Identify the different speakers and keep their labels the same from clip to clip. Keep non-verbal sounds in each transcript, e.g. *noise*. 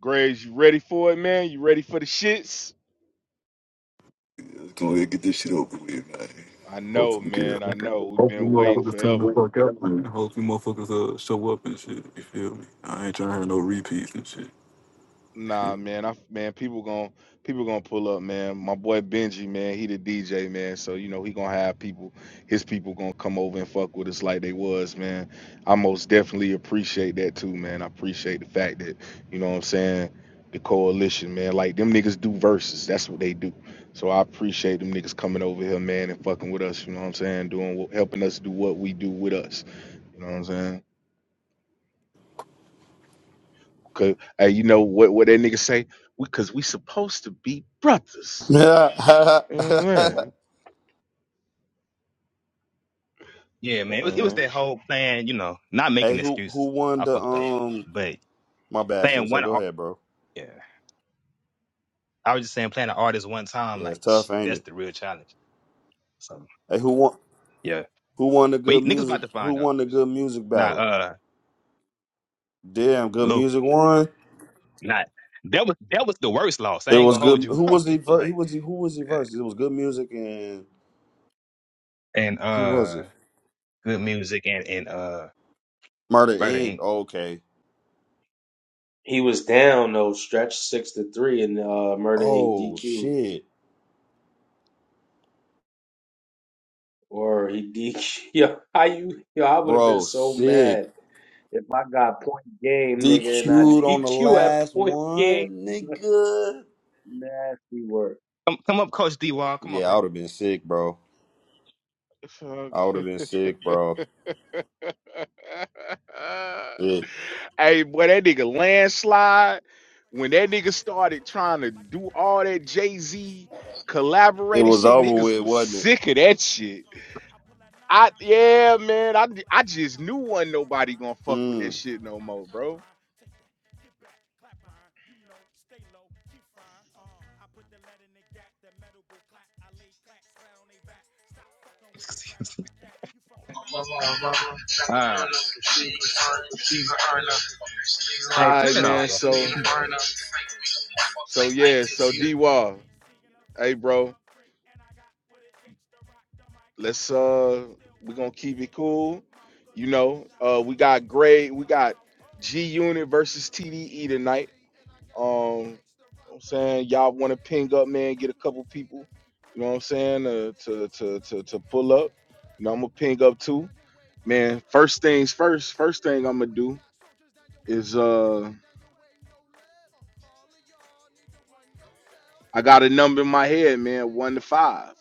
Speaker 1: Graves, you ready for it, man? You ready for the shits?
Speaker 2: Let's go ahead and get this shit over with, man.
Speaker 1: I know,
Speaker 2: Hopefully we get it.
Speaker 1: man. I know. We've
Speaker 2: Hopefully,
Speaker 1: been waiting
Speaker 2: motherfuckers turn the
Speaker 1: forever.
Speaker 2: fuck up, man. hopefully motherfuckers uh, show up and shit. You feel me? I ain't trying to have no repeats and shit.
Speaker 1: Nah,
Speaker 2: Shit.
Speaker 1: man, I man, people gon' people gonna pull up, man. My boy Benji, man, he the DJ, man. So you know he gonna have people, his people gonna come over and fuck with us like they was, man. I most definitely appreciate that too, man. I appreciate the fact that you know what I'm saying the coalition, man. Like them niggas do verses, that's what they do. So I appreciate them niggas coming over here, man, and fucking with us. You know what I'm saying? Doing what, helping us do what we do with us. You know what I'm saying? Cause hey, you know what what that nigga say? We cause we supposed to be brothers.
Speaker 3: Yeah.
Speaker 1: You
Speaker 3: *laughs*
Speaker 1: know
Speaker 4: Yeah, man.
Speaker 1: what
Speaker 4: It was, it was that
Speaker 1: Mm,
Speaker 4: whole plan, you know, not
Speaker 3: hey,
Speaker 4: making
Speaker 3: who who
Speaker 4: excuses.
Speaker 3: won
Speaker 4: I
Speaker 3: the
Speaker 4: fucked up.
Speaker 3: um?
Speaker 4: But
Speaker 3: My bad,
Speaker 4: playing
Speaker 3: Sensei.
Speaker 4: one
Speaker 3: Go
Speaker 4: ar-
Speaker 3: ahead, bro.
Speaker 4: yeah. I was just saying playing an artist one time,
Speaker 3: Yeah, it's
Speaker 4: like
Speaker 3: tough,
Speaker 4: *sniffs*
Speaker 3: ain't
Speaker 4: that's
Speaker 3: it?
Speaker 4: the real challenge. So
Speaker 3: Hey, who won?
Speaker 4: yeah.
Speaker 3: Who won the
Speaker 4: But he-
Speaker 3: good
Speaker 4: niggas
Speaker 3: music?
Speaker 4: about to
Speaker 3: Who
Speaker 4: find out.
Speaker 3: won the good
Speaker 4: So
Speaker 3: music
Speaker 4: now
Speaker 3: battle?
Speaker 4: uh
Speaker 3: Damn, good
Speaker 4: Lou,
Speaker 3: music won.
Speaker 4: not that was that was the worst loss. I
Speaker 3: It
Speaker 4: ain't
Speaker 3: was
Speaker 4: gonna hold
Speaker 3: good.
Speaker 4: you.
Speaker 3: Who was the
Speaker 4: *laughs*
Speaker 3: ver- he
Speaker 4: like
Speaker 3: was the, who was the verse? It was good music and
Speaker 4: and
Speaker 3: who was
Speaker 4: uh
Speaker 3: it?
Speaker 4: good music and and uh
Speaker 3: Murder
Speaker 4: murder
Speaker 3: Inc.
Speaker 4: Inc.
Speaker 3: Okay.
Speaker 5: He was down though, stretch six to three in uh, Murder Inc.
Speaker 3: Oh
Speaker 5: DQ,
Speaker 3: shit,
Speaker 5: or he DQ. *laughs* Yo, how you? Yo, I would have been
Speaker 3: bro,
Speaker 5: so
Speaker 3: sick.
Speaker 5: mad if I got point game, nigga, and I *laughs*
Speaker 3: DQ'd on the
Speaker 5: DQ
Speaker 3: last
Speaker 5: at point game.
Speaker 3: one,
Speaker 5: *laughs* That's
Speaker 3: nigga.
Speaker 5: nasty work.
Speaker 4: Come come up, Coach D Wall. Come on,
Speaker 3: Yeah, I
Speaker 4: bro.
Speaker 3: would have been sick, bro.
Speaker 1: It's all
Speaker 3: I would have
Speaker 1: good.
Speaker 3: been sick, bro.
Speaker 1: *laughs* hey, boy, that nigga landslide. When that nigga started trying to do all that Jay Z
Speaker 3: It
Speaker 1: collaborated
Speaker 3: was
Speaker 1: shit,
Speaker 3: over
Speaker 1: niggas
Speaker 3: with,
Speaker 1: was
Speaker 3: wasn't it?
Speaker 1: sick of that shit. I yeah, man. I I just knew wasn't nobody gonna fuck with that
Speaker 3: Mm.
Speaker 1: shit no more, bro.
Speaker 6: Mama, mama, got the
Speaker 4: *laughs* uh
Speaker 6: burner. She can earn, she's an earner. She's
Speaker 1: All
Speaker 4: hey,
Speaker 6: alive,
Speaker 1: right,
Speaker 4: turn it
Speaker 6: real
Speaker 4: off,
Speaker 1: man.
Speaker 4: bro.
Speaker 6: nice, and need
Speaker 1: So
Speaker 6: a burner.
Speaker 1: so yeah. So D Wall, hey, bro. let's uh we're gonna keep it cool. You know, uh we got Gray, we got G Unit versus TDE tonight. Um I'm saying y'all wanna ping up, man, get a couple people, you know what I'm saying, uh, to to to to pull up. You know, I'm gonna ping up too. Man, first things first, first thing I'm gonna do is uh I got a number in my head, man, one to five.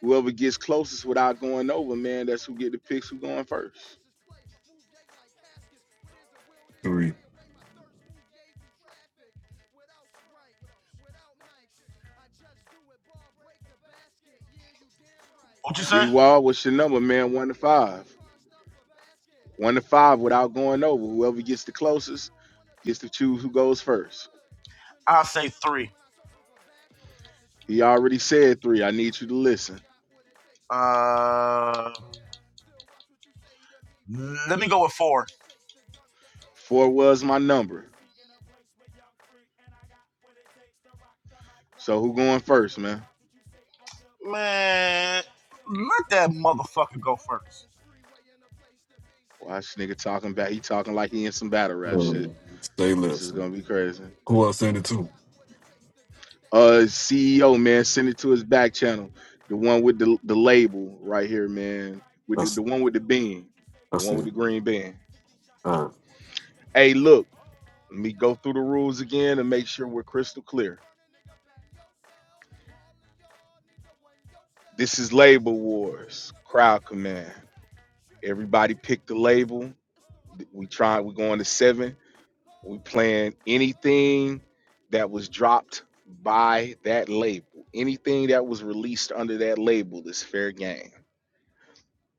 Speaker 1: Whoever gets closest without going over, man, that's who get the picks who going first.
Speaker 2: Three.
Speaker 6: What'd you
Speaker 1: D
Speaker 6: say?
Speaker 1: Wall, what's your number, man? One to five. One to five without going over. Whoever gets the closest gets to choose who goes first.
Speaker 6: I'll say three.
Speaker 1: He already said three. I need you to listen.
Speaker 6: Uh, let me go with four.
Speaker 1: Four was my number. So who going first, man?
Speaker 6: Man, let that motherfucker go first.
Speaker 1: Watch this nigga talking back. He talking like he in some battle rap
Speaker 2: Uh,
Speaker 1: shit.
Speaker 2: stay
Speaker 1: This is
Speaker 2: less.
Speaker 1: gonna be crazy.
Speaker 2: Who I send it to?
Speaker 1: Uh CEO, man, send it to his back channel. The one with the the label right here, man. With the,
Speaker 2: That's
Speaker 1: the one with the bean. The
Speaker 2: that's
Speaker 1: one with
Speaker 2: it.
Speaker 1: the green bean.
Speaker 2: Uh,
Speaker 1: Hey, look. Let me go through the rules again and make sure we're crystal clear. This is Label Wars, Crowd Command. Everybody pick the label. We try. We're going to seven. We playing anything that was dropped by that label. Anything that was released under that label is fair game.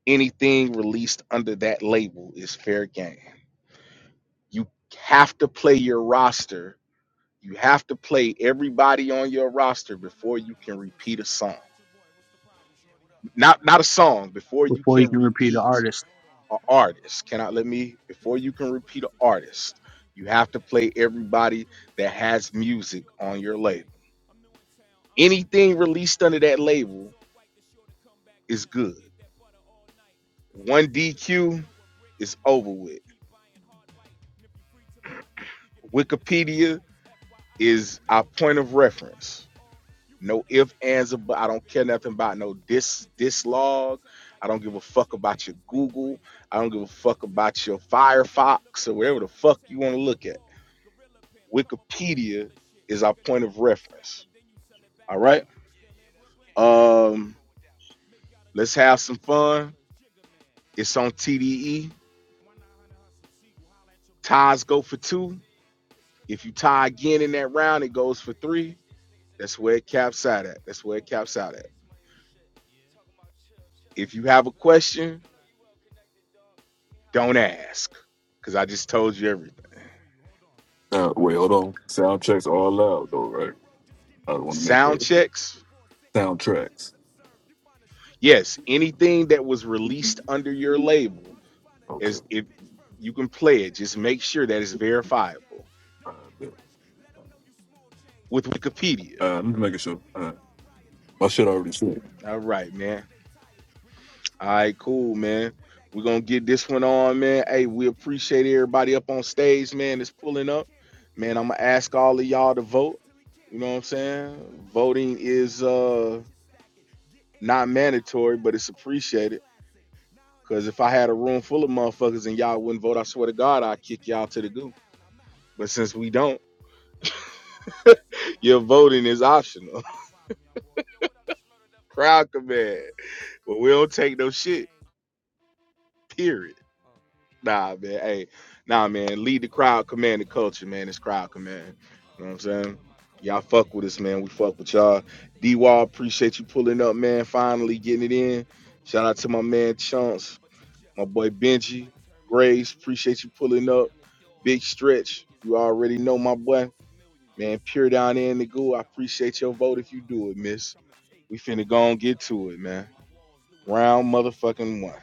Speaker 1: Anything released under that label is fair game. You have to play your roster. You have to play everybody on your roster before you can repeat a song
Speaker 7: up, man. I'm
Speaker 1: not
Speaker 7: the
Speaker 1: not
Speaker 7: only
Speaker 1: a
Speaker 7: nigga from
Speaker 1: song
Speaker 7: Brooklyn out
Speaker 1: before
Speaker 7: here,
Speaker 1: you
Speaker 5: before
Speaker 7: man.
Speaker 5: you
Speaker 1: can
Speaker 7: I'm
Speaker 5: can
Speaker 7: trying to
Speaker 5: repeat
Speaker 7: lock
Speaker 5: the
Speaker 7: the
Speaker 1: repeat
Speaker 7: spot.
Speaker 5: artist.
Speaker 1: an artist cannot let me before you can repeat an artist you have to play everybody that has music on your label anything released under that label is good one dq is over with wikipedia is our point of reference No if, ands, or but. I don't care nothing about no dis dislog. I don't give a fuck about your Google. I don't give a fuck about your Firefox or whatever the fuck you want to look at. Wikipedia is our point of reference. All right.
Speaker 7: I think I'm
Speaker 1: Um,
Speaker 7: gonna roll with that one.
Speaker 1: let's have some fun. It's on TDE. Ties go for two. If you tie again in that round, it goes for three. That's where it caps out at. That's where it caps out at. If you have a question, don't ask because I just told you everything.
Speaker 2: sound, wait, hold on. Sound checks are allowed though,
Speaker 7: You
Speaker 2: right? I want to make
Speaker 7: ain't, I
Speaker 1: sound
Speaker 2: that
Speaker 7: ain't got
Speaker 1: checks
Speaker 7: time for a sentence,
Speaker 2: sound
Speaker 7: all that shit
Speaker 2: tracks.
Speaker 7: is absurd. You find a strip first.
Speaker 1: yes
Speaker 7: If you don't
Speaker 1: anything that
Speaker 7: cook,
Speaker 1: was
Speaker 7: find a
Speaker 1: released
Speaker 7: bitch
Speaker 1: under
Speaker 7: first.
Speaker 1: your
Speaker 7: If you don't
Speaker 1: label
Speaker 7: hustle, find a nigga
Speaker 2: Okay.
Speaker 1: as
Speaker 7: who
Speaker 1: if
Speaker 7: pitch first.
Speaker 1: you
Speaker 7: You
Speaker 1: can
Speaker 7: new in
Speaker 1: play it
Speaker 7: town,
Speaker 1: just make
Speaker 7: no
Speaker 1: sure
Speaker 7: red and
Speaker 1: that it's
Speaker 7: blue in town, it's gang.
Speaker 1: verifiable
Speaker 7: Don't get
Speaker 2: not that.
Speaker 7: fresh, let them know you small change.
Speaker 1: with
Speaker 7: The strong
Speaker 1: wikipedia
Speaker 7: move
Speaker 2: Uh, I'm just
Speaker 7: quiet,
Speaker 2: making
Speaker 7: the
Speaker 2: sure.
Speaker 7: weak
Speaker 2: Uh,
Speaker 7: start riots. We
Speaker 2: my
Speaker 7: know
Speaker 2: shit
Speaker 7: you
Speaker 2: already
Speaker 7: got a
Speaker 2: sent.
Speaker 7: brick, but
Speaker 1: all
Speaker 7: sell
Speaker 1: right man all right cool man we're gonna get this one on man hey we appreciate everybody up on stage man that's pulling up man i'm gonna ask all of y'all to vote you know what i'm saying voting is uh not mandatory but it's appreciated because if i had a room full of motherfuckers and y'all wouldn't vote i swear to god i'd kick y'all to the goo But since we don't, your voting is optional. *laughs* Crowd command. But we don't take no shit. Period. Nah, man. Hey, nah, man. Lead the crowd command the culture, man. It's crowd command. You know what I'm saying? Y'all fuck with us, man. We fuck with y'all. D Wall, appreciate you pulling up, man. Finally getting it in. Shout out to my man Chunks, my boy Benji, Graves. appreciate you pulling up. Big stretch. You already know my boy.
Speaker 7: million.
Speaker 1: Man, pure
Speaker 7: Sitting
Speaker 1: down
Speaker 7: on the
Speaker 1: there in the
Speaker 7: beach,
Speaker 1: goo. I
Speaker 7: and the only
Speaker 1: appreciate
Speaker 7: thing
Speaker 1: your
Speaker 7: I
Speaker 1: vote
Speaker 7: know
Speaker 1: if you
Speaker 7: is
Speaker 1: do it, miss.
Speaker 7: furnish, I'ma take
Speaker 1: We
Speaker 7: it.
Speaker 1: finna go and get to it, man. Round motherfucking one.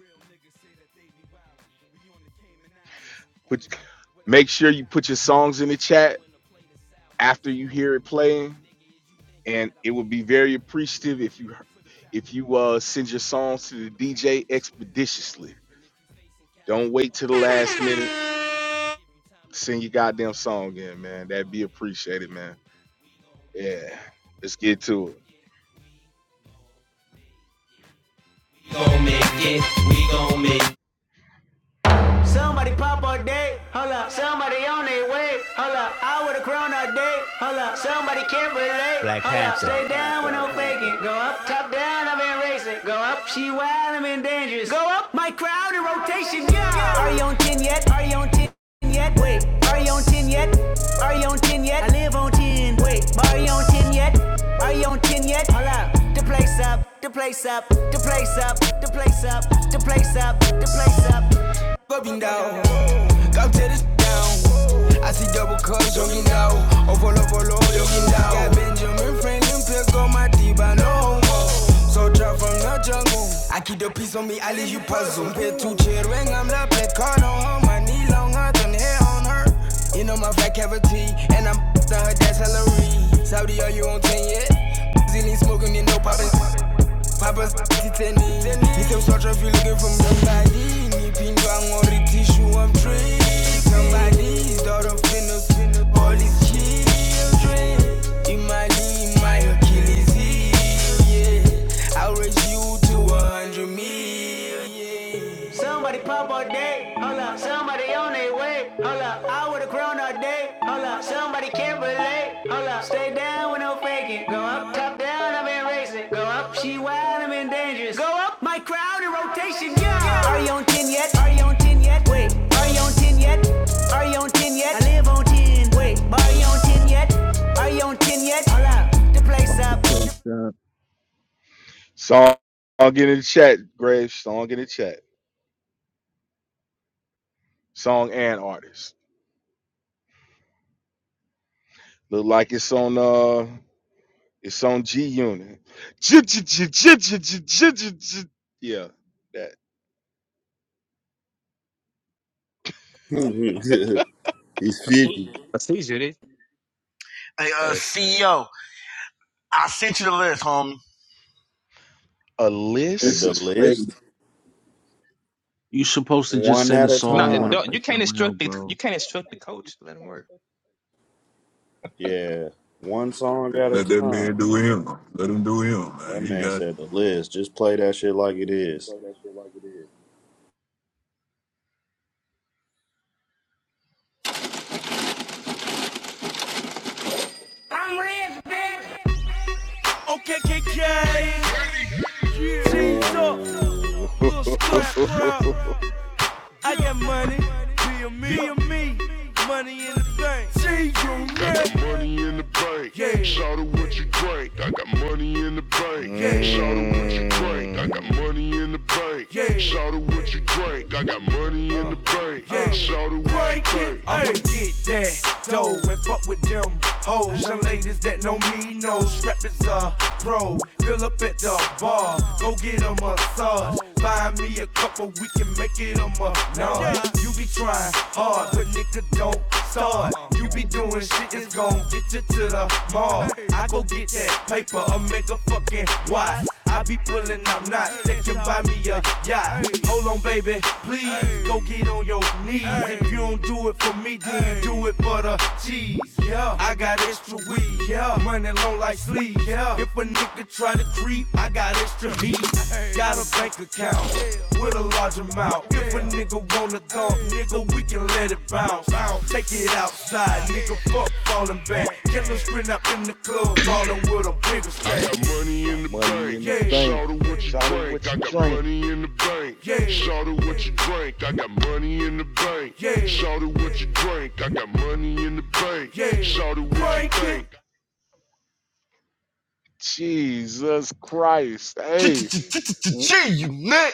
Speaker 7: Real niggas say that they be wildin'. We on the Cayman Islands, on
Speaker 1: Put
Speaker 7: a yacht with our
Speaker 1: make sure
Speaker 7: favorite
Speaker 1: you put
Speaker 7: album.
Speaker 1: your songs in the chat after you hear it playing, and it would be very
Speaker 7: I love
Speaker 1: appreciative
Speaker 7: my
Speaker 1: if you
Speaker 7: nigga for the fact
Speaker 1: if
Speaker 7: that he
Speaker 1: you uh
Speaker 7: real,
Speaker 1: send your
Speaker 7: and
Speaker 1: songs
Speaker 7: nobody
Speaker 1: to the
Speaker 7: on the
Speaker 1: DJ
Speaker 7: faculty square. One,
Speaker 1: expeditiously.
Speaker 7: and if you facing
Speaker 1: Don't
Speaker 7: capital
Speaker 1: wait till
Speaker 7: pun,
Speaker 1: the
Speaker 7: pass
Speaker 1: last
Speaker 7: me a
Speaker 1: minute.
Speaker 7: gun, and I'ma give you time to
Speaker 1: Send
Speaker 7: run
Speaker 1: your
Speaker 7: while I
Speaker 1: goddamn
Speaker 7: rapidly
Speaker 1: song in,
Speaker 7: peel.
Speaker 1: man. That'd be
Speaker 7: Uh,
Speaker 1: appreciated, man. Yeah, let's get to it.
Speaker 7: Ten yet? yet? Wait, are you on ten yet? Are, are you on ten? Over looking down. Got Benjamin Franklin, Pills on my D-Bow. From the pit to up and caught on her. My knee long, I done hit on her. You know my fat cavity, and I'm to her dad's salary. Saudi, are you on yet? Zilly spent Titani. You can mean me, Pinga. Issue, I'm tricked. Somebody's daughter, finna, finna, all these kids. I raise you to dream. Somebody pop all day, hold up. Somebody on their way, hold up. I would've grown all day, hold up. Somebody can't relate, hold up. Stay down with no faking. Go up, top down, I've been racing. Go up, she wild, I'm in dangerous. Go up, my crowd in rotation, yeah. Are you on, are you on 10 yet? I live on 10. Wait, are you on 10 yet? Are you on 10 yet? Hold up, the place
Speaker 5: Fuck the
Speaker 7: up.
Speaker 5: place up.
Speaker 1: Song in the chat, Graves. Song in the chat. Song and artist. Look like it's on. Uh, It's on G Unit. Yeah, that
Speaker 3: *laughs* He's 50.
Speaker 4: I see you, dude.
Speaker 6: Hey,
Speaker 4: It's
Speaker 6: uh,
Speaker 4: crazy.
Speaker 6: CEO, I sent you the list, homie.
Speaker 1: a
Speaker 3: At
Speaker 8: This
Speaker 3: the
Speaker 8: is
Speaker 1: list.
Speaker 8: crazy.
Speaker 3: list,
Speaker 5: You supposed to just
Speaker 3: one
Speaker 5: send
Speaker 3: at
Speaker 5: a
Speaker 3: a
Speaker 5: song
Speaker 4: No,
Speaker 5: you
Speaker 4: it
Speaker 5: want
Speaker 3: time.
Speaker 5: to
Speaker 4: don't,
Speaker 5: play
Speaker 4: you
Speaker 5: for the
Speaker 4: can't
Speaker 5: round,
Speaker 4: instruct the
Speaker 5: bro.
Speaker 4: you can't instruct the coach. Let him work.
Speaker 3: Yeah, one song at a
Speaker 2: Let that
Speaker 3: time.
Speaker 2: man do him. Let him do him,
Speaker 3: That
Speaker 2: man. He
Speaker 3: man
Speaker 2: got.
Speaker 3: said the list. Just play that shit like it is.
Speaker 7: OKKK, G's up,
Speaker 1: Oh, *laughs*
Speaker 7: little scrap, scrap. I got money, be a me, be a me. Money in the bank. See you next. Money, yeah. Shout out what you money in the bank. Yeah. Shout out what you drink. I got
Speaker 1: mm.
Speaker 7: money in the bank. Yeah. Shout out what you drink. I got money in the bank. Yeah. Shout out what you drink. I'ma get that dough and fuck with them hoes. and ladies that know me No strap is a pro. Fill up at the bar, go get a massage. Buy me a couple, we can make it a month. Nah, you be trying hard, but nigga don't don't start. You be doing shit that's gon' get you to the mall. I go get that paper, I make a fucking why. I be pulling up knots that can buy me a yacht. Hold on, baby, please go get on your knees. If you don't do it for me, then you do it for the cheese. Yeah, I got extra weed. Yeah, money long like sleep. Yeah, if a nigga try to creep, I got extra heat. Got a bank account with a large amount. If a nigga wanna talk, nigga, we can let it bounce. Take it outside, nigga, fuck falling back. Killers sprint up in the club, ballin' with a bigger stack. I got
Speaker 1: I
Speaker 7: money in
Speaker 1: got
Speaker 7: the
Speaker 1: money in
Speaker 7: bank.
Speaker 1: the
Speaker 7: Yeah.
Speaker 1: bank.
Speaker 7: Shout out what you
Speaker 1: Shout out
Speaker 7: drink.
Speaker 1: what
Speaker 7: I
Speaker 1: you
Speaker 7: got
Speaker 1: drink.
Speaker 7: money in the bank. Yeah. Shout out what you drink. I got money in the bank. Yeah. Shout out what you drink. I got money in the bank. Yeah. Shout out what you drink?
Speaker 1: Jesus Christ, hey,
Speaker 6: G, you nut.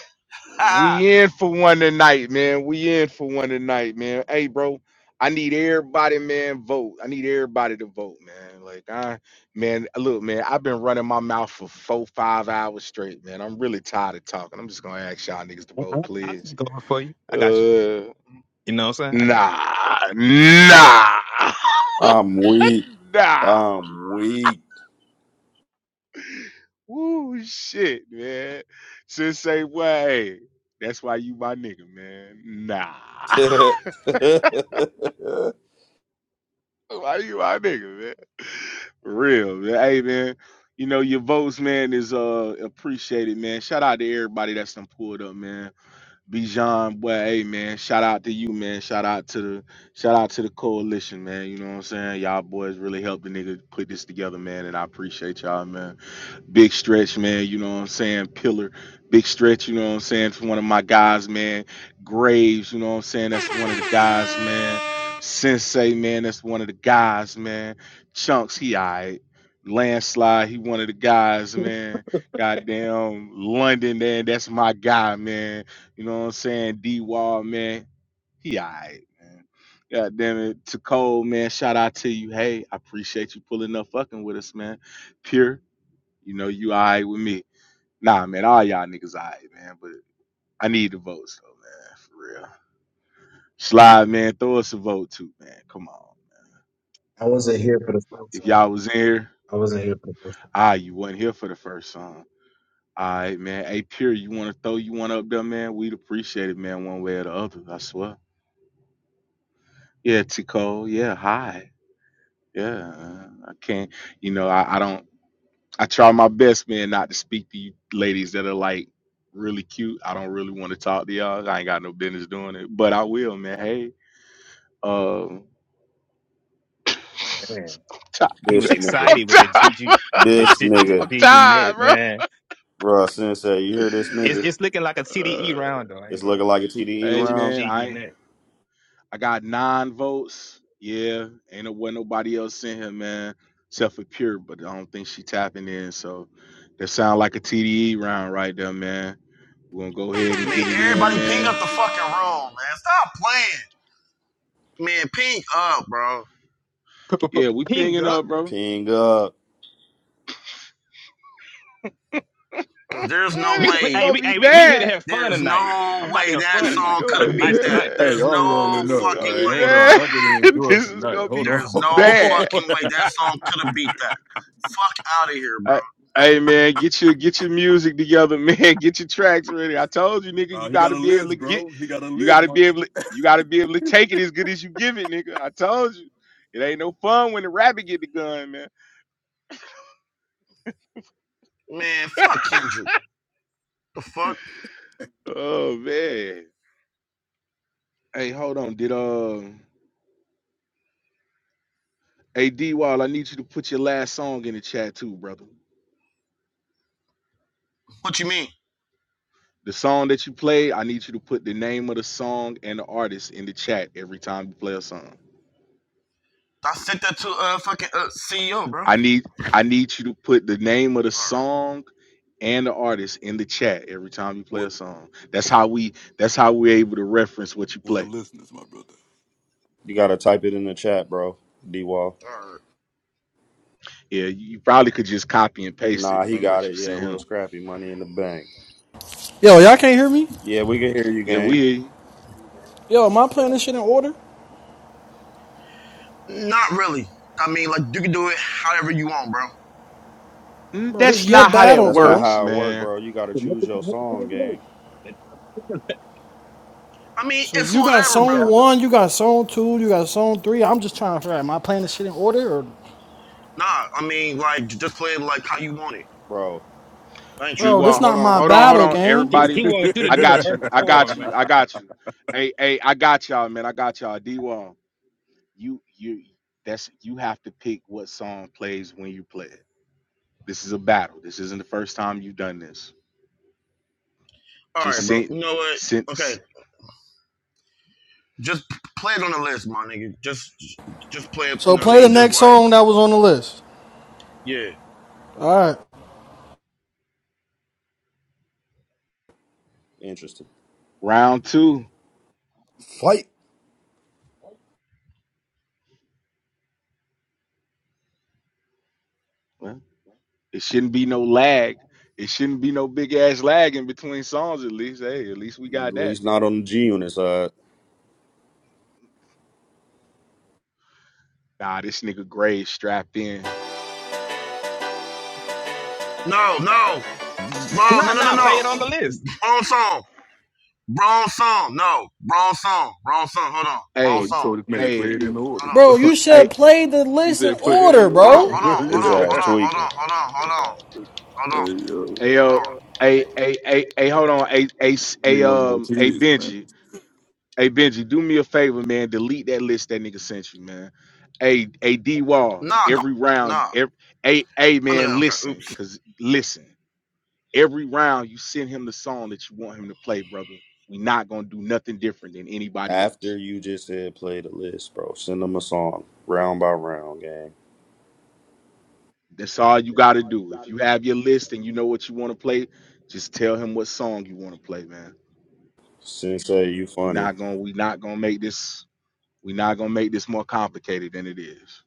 Speaker 6: *laughs*
Speaker 1: We in for one tonight, man. We in for one tonight, man. Hey, bro, I need everybody, man, vote. I need everybody to vote, man. Like, I, man, look, man, I've been running my mouth for four, five hours straight, man. I'm really tired of talking. I'm just gonna ask y'all niggas to
Speaker 4: I, I,
Speaker 1: vote,
Speaker 4: I
Speaker 1: please.
Speaker 4: can go over for you. I got
Speaker 1: Uh,
Speaker 4: you. You know what I'm saying? I got
Speaker 1: nah, nah,
Speaker 3: I'm weak.
Speaker 1: *laughs* nah.
Speaker 3: I'm weak.
Speaker 1: Woo, shit, man. Sensei, way. That's why you my nigga, man. Nah. *laughs*
Speaker 3: *laughs* this
Speaker 1: Why you my nigga, man? For Real, man. Hey, man. You know your votes, man, is uh appreciated, man. Shout out to everybody that's done pulled up, man. Bijan, boy, hey, man. Shout out to you, man. Shout out to the shout out to the coalition, man. You know what I'm saying? Y'all boys really helped the nigga put this together, man, and I appreciate y'all, man. Big stretch, man. You know what I'm saying? Pillar. Big stretch, you know what I'm saying? It's one of my guys, man. Graves, you know what I'm saying? That's one of the guys, man. Sensei, man. That's one of the guys, man. Chunks, he all right. Landslide, he one of the guys, man. Goddamn London, man. That's my guy, man. You know what I'm saying? D Wall, man. He all right, man. God damn it. To Cole, man. Shout out to you. Hey, I appreciate you pulling up fucking with us, man. Pure. You know, you all right with me. Nah, man, all y'all niggas all right, man. But I need the votes, though, man, for real. Slide, man, throw us a vote, too, man. Come on.
Speaker 8: I wasn't here for the first
Speaker 1: If y'all
Speaker 8: time.
Speaker 1: was in here,
Speaker 8: I wasn't here for the first time.
Speaker 1: ah, right, you wasn't here for the first song. All right, man. Hey, Pure, you want to throw you one up there, man? We'd appreciate it, man, one way or the other, I swear. Yeah, Tico. Yeah, hi. Yeah, uh, I can't, you know, I, I don't. I try my best, man, not to speak to you ladies that are like really cute. I don't really want to talk to y'all. I ain't got no business doing it, but I will, man. Hey, um,
Speaker 4: you.
Speaker 1: *laughs*
Speaker 4: Man, he was
Speaker 1: tired. *laughs*
Speaker 3: nigga.
Speaker 1: I'm
Speaker 4: excited with the
Speaker 1: tired. *laughs*
Speaker 4: GG
Speaker 1: I'm
Speaker 4: with the
Speaker 3: This
Speaker 4: G G-
Speaker 3: nigga.
Speaker 4: G
Speaker 1: tired,
Speaker 4: unit,
Speaker 1: bro.
Speaker 4: man.
Speaker 3: Bruh, Sensei, you hear this
Speaker 4: It's
Speaker 3: nigga?
Speaker 4: it's looking like a CDE
Speaker 1: Uh,
Speaker 4: round though. I
Speaker 3: It's
Speaker 4: ain't gonna
Speaker 3: looking
Speaker 4: hold
Speaker 3: like
Speaker 4: you.
Speaker 3: a TDE
Speaker 4: G
Speaker 1: hey,
Speaker 4: G
Speaker 3: round.
Speaker 1: man,
Speaker 4: G
Speaker 1: I
Speaker 4: unit.
Speaker 1: I got nine votes. Yeah, ain't what nobody else in here, man, except for Pure. But I don't think she tapping in. So that sound like a TDE round right there, man. We're gonna go ahead and
Speaker 6: Man,
Speaker 1: get it in,
Speaker 6: everybody ping
Speaker 1: man.
Speaker 6: up the fucking room, man. Stop playing. Man, ping up, bro.
Speaker 4: P- p- p-
Speaker 1: Yeah, we
Speaker 4: Ping
Speaker 1: pinging
Speaker 4: up.
Speaker 1: up, bro.
Speaker 3: Ping up.
Speaker 6: Cause
Speaker 1: *laughs*
Speaker 6: there's no
Speaker 4: We, can,
Speaker 1: this
Speaker 4: we,
Speaker 1: is
Speaker 4: hey,
Speaker 6: way,
Speaker 1: gonna
Speaker 4: we,
Speaker 1: be
Speaker 4: hey, we, we here to
Speaker 1: bad.
Speaker 4: have fun
Speaker 6: there's
Speaker 4: tonight. I'm
Speaker 6: no
Speaker 4: about to
Speaker 6: way
Speaker 4: have
Speaker 6: that
Speaker 4: fun
Speaker 1: This is
Speaker 4: tonight.
Speaker 6: song
Speaker 1: gonna
Speaker 6: could have
Speaker 1: be
Speaker 6: beat
Speaker 4: Tonight's
Speaker 6: that.
Speaker 4: tonight.
Speaker 1: bad.
Speaker 2: Hey, I'm
Speaker 6: There's no
Speaker 2: rolling
Speaker 1: This is
Speaker 2: up,
Speaker 1: gonna
Speaker 6: fucking
Speaker 2: man.
Speaker 1: be
Speaker 6: way,
Speaker 2: Hold on.
Speaker 6: dog.
Speaker 1: bad.
Speaker 2: I'm gonna
Speaker 1: *laughs*
Speaker 2: enjoy
Speaker 1: this is
Speaker 2: tonight.
Speaker 1: gonna
Speaker 2: Hold
Speaker 1: be
Speaker 2: on.
Speaker 6: There's no
Speaker 1: bad.
Speaker 2: *laughs*
Speaker 6: fucking way that song could have beat that. Fuck out of here,
Speaker 1: I, hey man, get your get your music together, *laughs* man. Get your tracks ready. I told you, nigga, you
Speaker 2: nah, he got
Speaker 1: gotta
Speaker 2: a
Speaker 1: be able to
Speaker 2: list,
Speaker 1: get.
Speaker 2: bro. He got a
Speaker 1: You
Speaker 2: list,
Speaker 1: gotta
Speaker 2: my
Speaker 1: be able. To, you gotta be able to take it as good as you give it, nigga. I told you, it ain't no fun when the rabbit get the gun, man.
Speaker 6: bro. Man, fuck Kendrick. The fuck?
Speaker 1: Oh man. Hey, hold on. Did uh, hey D Wall, I need you to put your last song in the chat too, brother.
Speaker 6: What you mean?
Speaker 1: The song that you play, I need you to put the name of the song and the artist in the chat every time you play a song.
Speaker 6: I sent that to uh fucking uh, CEO, bro.
Speaker 1: I need I need you to put the name of the
Speaker 6: All
Speaker 1: song and the artist in the chat every time you play a
Speaker 2: what
Speaker 1: song. That's how we that's how we're able to reference what you
Speaker 2: what the
Speaker 1: play.
Speaker 2: listeners, my brother.
Speaker 3: You gotta type it in the chat, bro. D Wall.
Speaker 6: right, all right.
Speaker 1: Yeah, you probably could just copy and paste it
Speaker 3: Nah, he
Speaker 1: from
Speaker 3: got
Speaker 1: what
Speaker 3: it.
Speaker 1: you
Speaker 3: Yeah, a
Speaker 1: sent
Speaker 3: little
Speaker 1: him.
Speaker 3: scrappy money in the bank.
Speaker 9: Yo, y'all can't hear me?
Speaker 3: Yeah, we can hear you,
Speaker 1: Yeah, we
Speaker 3: gang.
Speaker 1: hear you.
Speaker 9: Yo, am I playing this shit in order?
Speaker 6: Not really. I mean, like you can do it however you want, bro.
Speaker 1: Mm,
Speaker 9: Bro, this is
Speaker 1: that's
Speaker 9: your
Speaker 1: not how that
Speaker 9: battle,
Speaker 3: That's not
Speaker 9: bro.
Speaker 1: works,
Speaker 3: how it work,
Speaker 1: man.
Speaker 3: bro. You gotta
Speaker 4: What
Speaker 3: choose
Speaker 4: the-
Speaker 3: your
Speaker 4: what the
Speaker 3: song,
Speaker 4: hell
Speaker 3: gang.
Speaker 4: is that?
Speaker 6: I mean,
Speaker 9: So
Speaker 6: it's
Speaker 9: you got
Speaker 6: whatever,
Speaker 4: *laughs* Yeah,
Speaker 9: song
Speaker 6: bro.
Speaker 9: one, you got song two, you got song three. I'm just trying to figure out, am I playing this shit in order? Or,
Speaker 6: Nah, I mean, like just play it like how you want it.
Speaker 3: Bro,
Speaker 6: I ain't
Speaker 1: D
Speaker 9: bro,
Speaker 6: tripping.
Speaker 1: Wall,
Speaker 9: this
Speaker 1: hold
Speaker 9: not
Speaker 1: on,
Speaker 9: my
Speaker 1: hold on, hold
Speaker 9: battle,
Speaker 1: on.
Speaker 9: gang.
Speaker 4: he he
Speaker 1: Everybody,
Speaker 4: wants you to
Speaker 1: I
Speaker 4: do the
Speaker 1: got you.
Speaker 4: verses
Speaker 1: I
Speaker 4: for
Speaker 1: got
Speaker 4: him,
Speaker 1: you.
Speaker 4: man.
Speaker 1: I
Speaker 2: *laughs*
Speaker 1: got you. Hey, hey, I got y'all, man. I got y'all. D you you that's you have to pick what song plays when you play it. This is a battle. This isn't the first time you've done this.
Speaker 6: All
Speaker 1: Just
Speaker 6: right, bro.
Speaker 1: since
Speaker 6: You know what? Okay,
Speaker 1: since
Speaker 6: Just play it on the list, my nigga. Just just play it, you
Speaker 9: So
Speaker 6: know what I
Speaker 9: play the
Speaker 6: mean? Just
Speaker 9: next
Speaker 6: like,
Speaker 9: song that was on the list.
Speaker 6: yeah.
Speaker 9: Alright.
Speaker 3: interesting.
Speaker 1: round two,
Speaker 3: Fight.
Speaker 1: well, it shouldn't be no lag. It shouldn't be no big ass lag in between songs. At least, hey, at least we
Speaker 3: At
Speaker 1: got that.
Speaker 3: least not on the G unit side.
Speaker 1: Nah, this nigga Gray strapped in.
Speaker 6: No, no. No,
Speaker 4: Nah,
Speaker 6: no, no, no,
Speaker 4: nah, play
Speaker 6: no.
Speaker 4: it on the list.
Speaker 6: Wrong song. Wrong song. No. Wrong song. Wrong song. Hold on. Wrong
Speaker 2: bro,
Speaker 1: Hey,
Speaker 2: you told
Speaker 6: song.
Speaker 2: this man to
Speaker 1: hey,
Speaker 2: play it in order.
Speaker 6: Hold on.
Speaker 9: Bro,
Speaker 2: *laughs*
Speaker 9: you
Speaker 1: hey,
Speaker 9: should play the
Speaker 2: he
Speaker 9: list in
Speaker 2: said play it
Speaker 9: order,
Speaker 2: in
Speaker 6: Hold on. Hold
Speaker 9: bro.
Speaker 6: on. Hold on. Hold
Speaker 3: His ass
Speaker 6: on.
Speaker 2: order. *laughs*
Speaker 6: Hold
Speaker 3: tweaking.
Speaker 6: on. Hold on. Hold on.
Speaker 2: Yeah. hey yo,
Speaker 1: hey,
Speaker 6: Hold on.
Speaker 1: yo,
Speaker 6: Hold on.
Speaker 1: hey, hey, hey, hey, hold on, hey, hey,
Speaker 2: we
Speaker 1: hey,
Speaker 2: no more
Speaker 1: um, hey,
Speaker 2: kids, man.
Speaker 1: Benji. Hey Benji, do me a favor, man. Delete that list that nigga sent you, man. Hey, hey D Wall,
Speaker 6: Nah, don't.
Speaker 1: every round,
Speaker 6: Nah.
Speaker 1: every hey, hey
Speaker 6: Okay,
Speaker 1: man,
Speaker 6: okay,
Speaker 1: listen,
Speaker 6: oops.
Speaker 1: cause listen, every round you send him the song that you want him to play, brother. we not gonna do nothing different than anybody
Speaker 3: After
Speaker 1: else.
Speaker 3: you just said play the list, bro. Send them a song. Round by round, gang.
Speaker 1: That's all you gotta do. If you have your list and you know what you want to play, just tell him what song you want to play, man.
Speaker 3: Sensei, you
Speaker 1: We
Speaker 3: funny.
Speaker 1: not gonna we not gonna make this we not gonna make this more complicated than it is.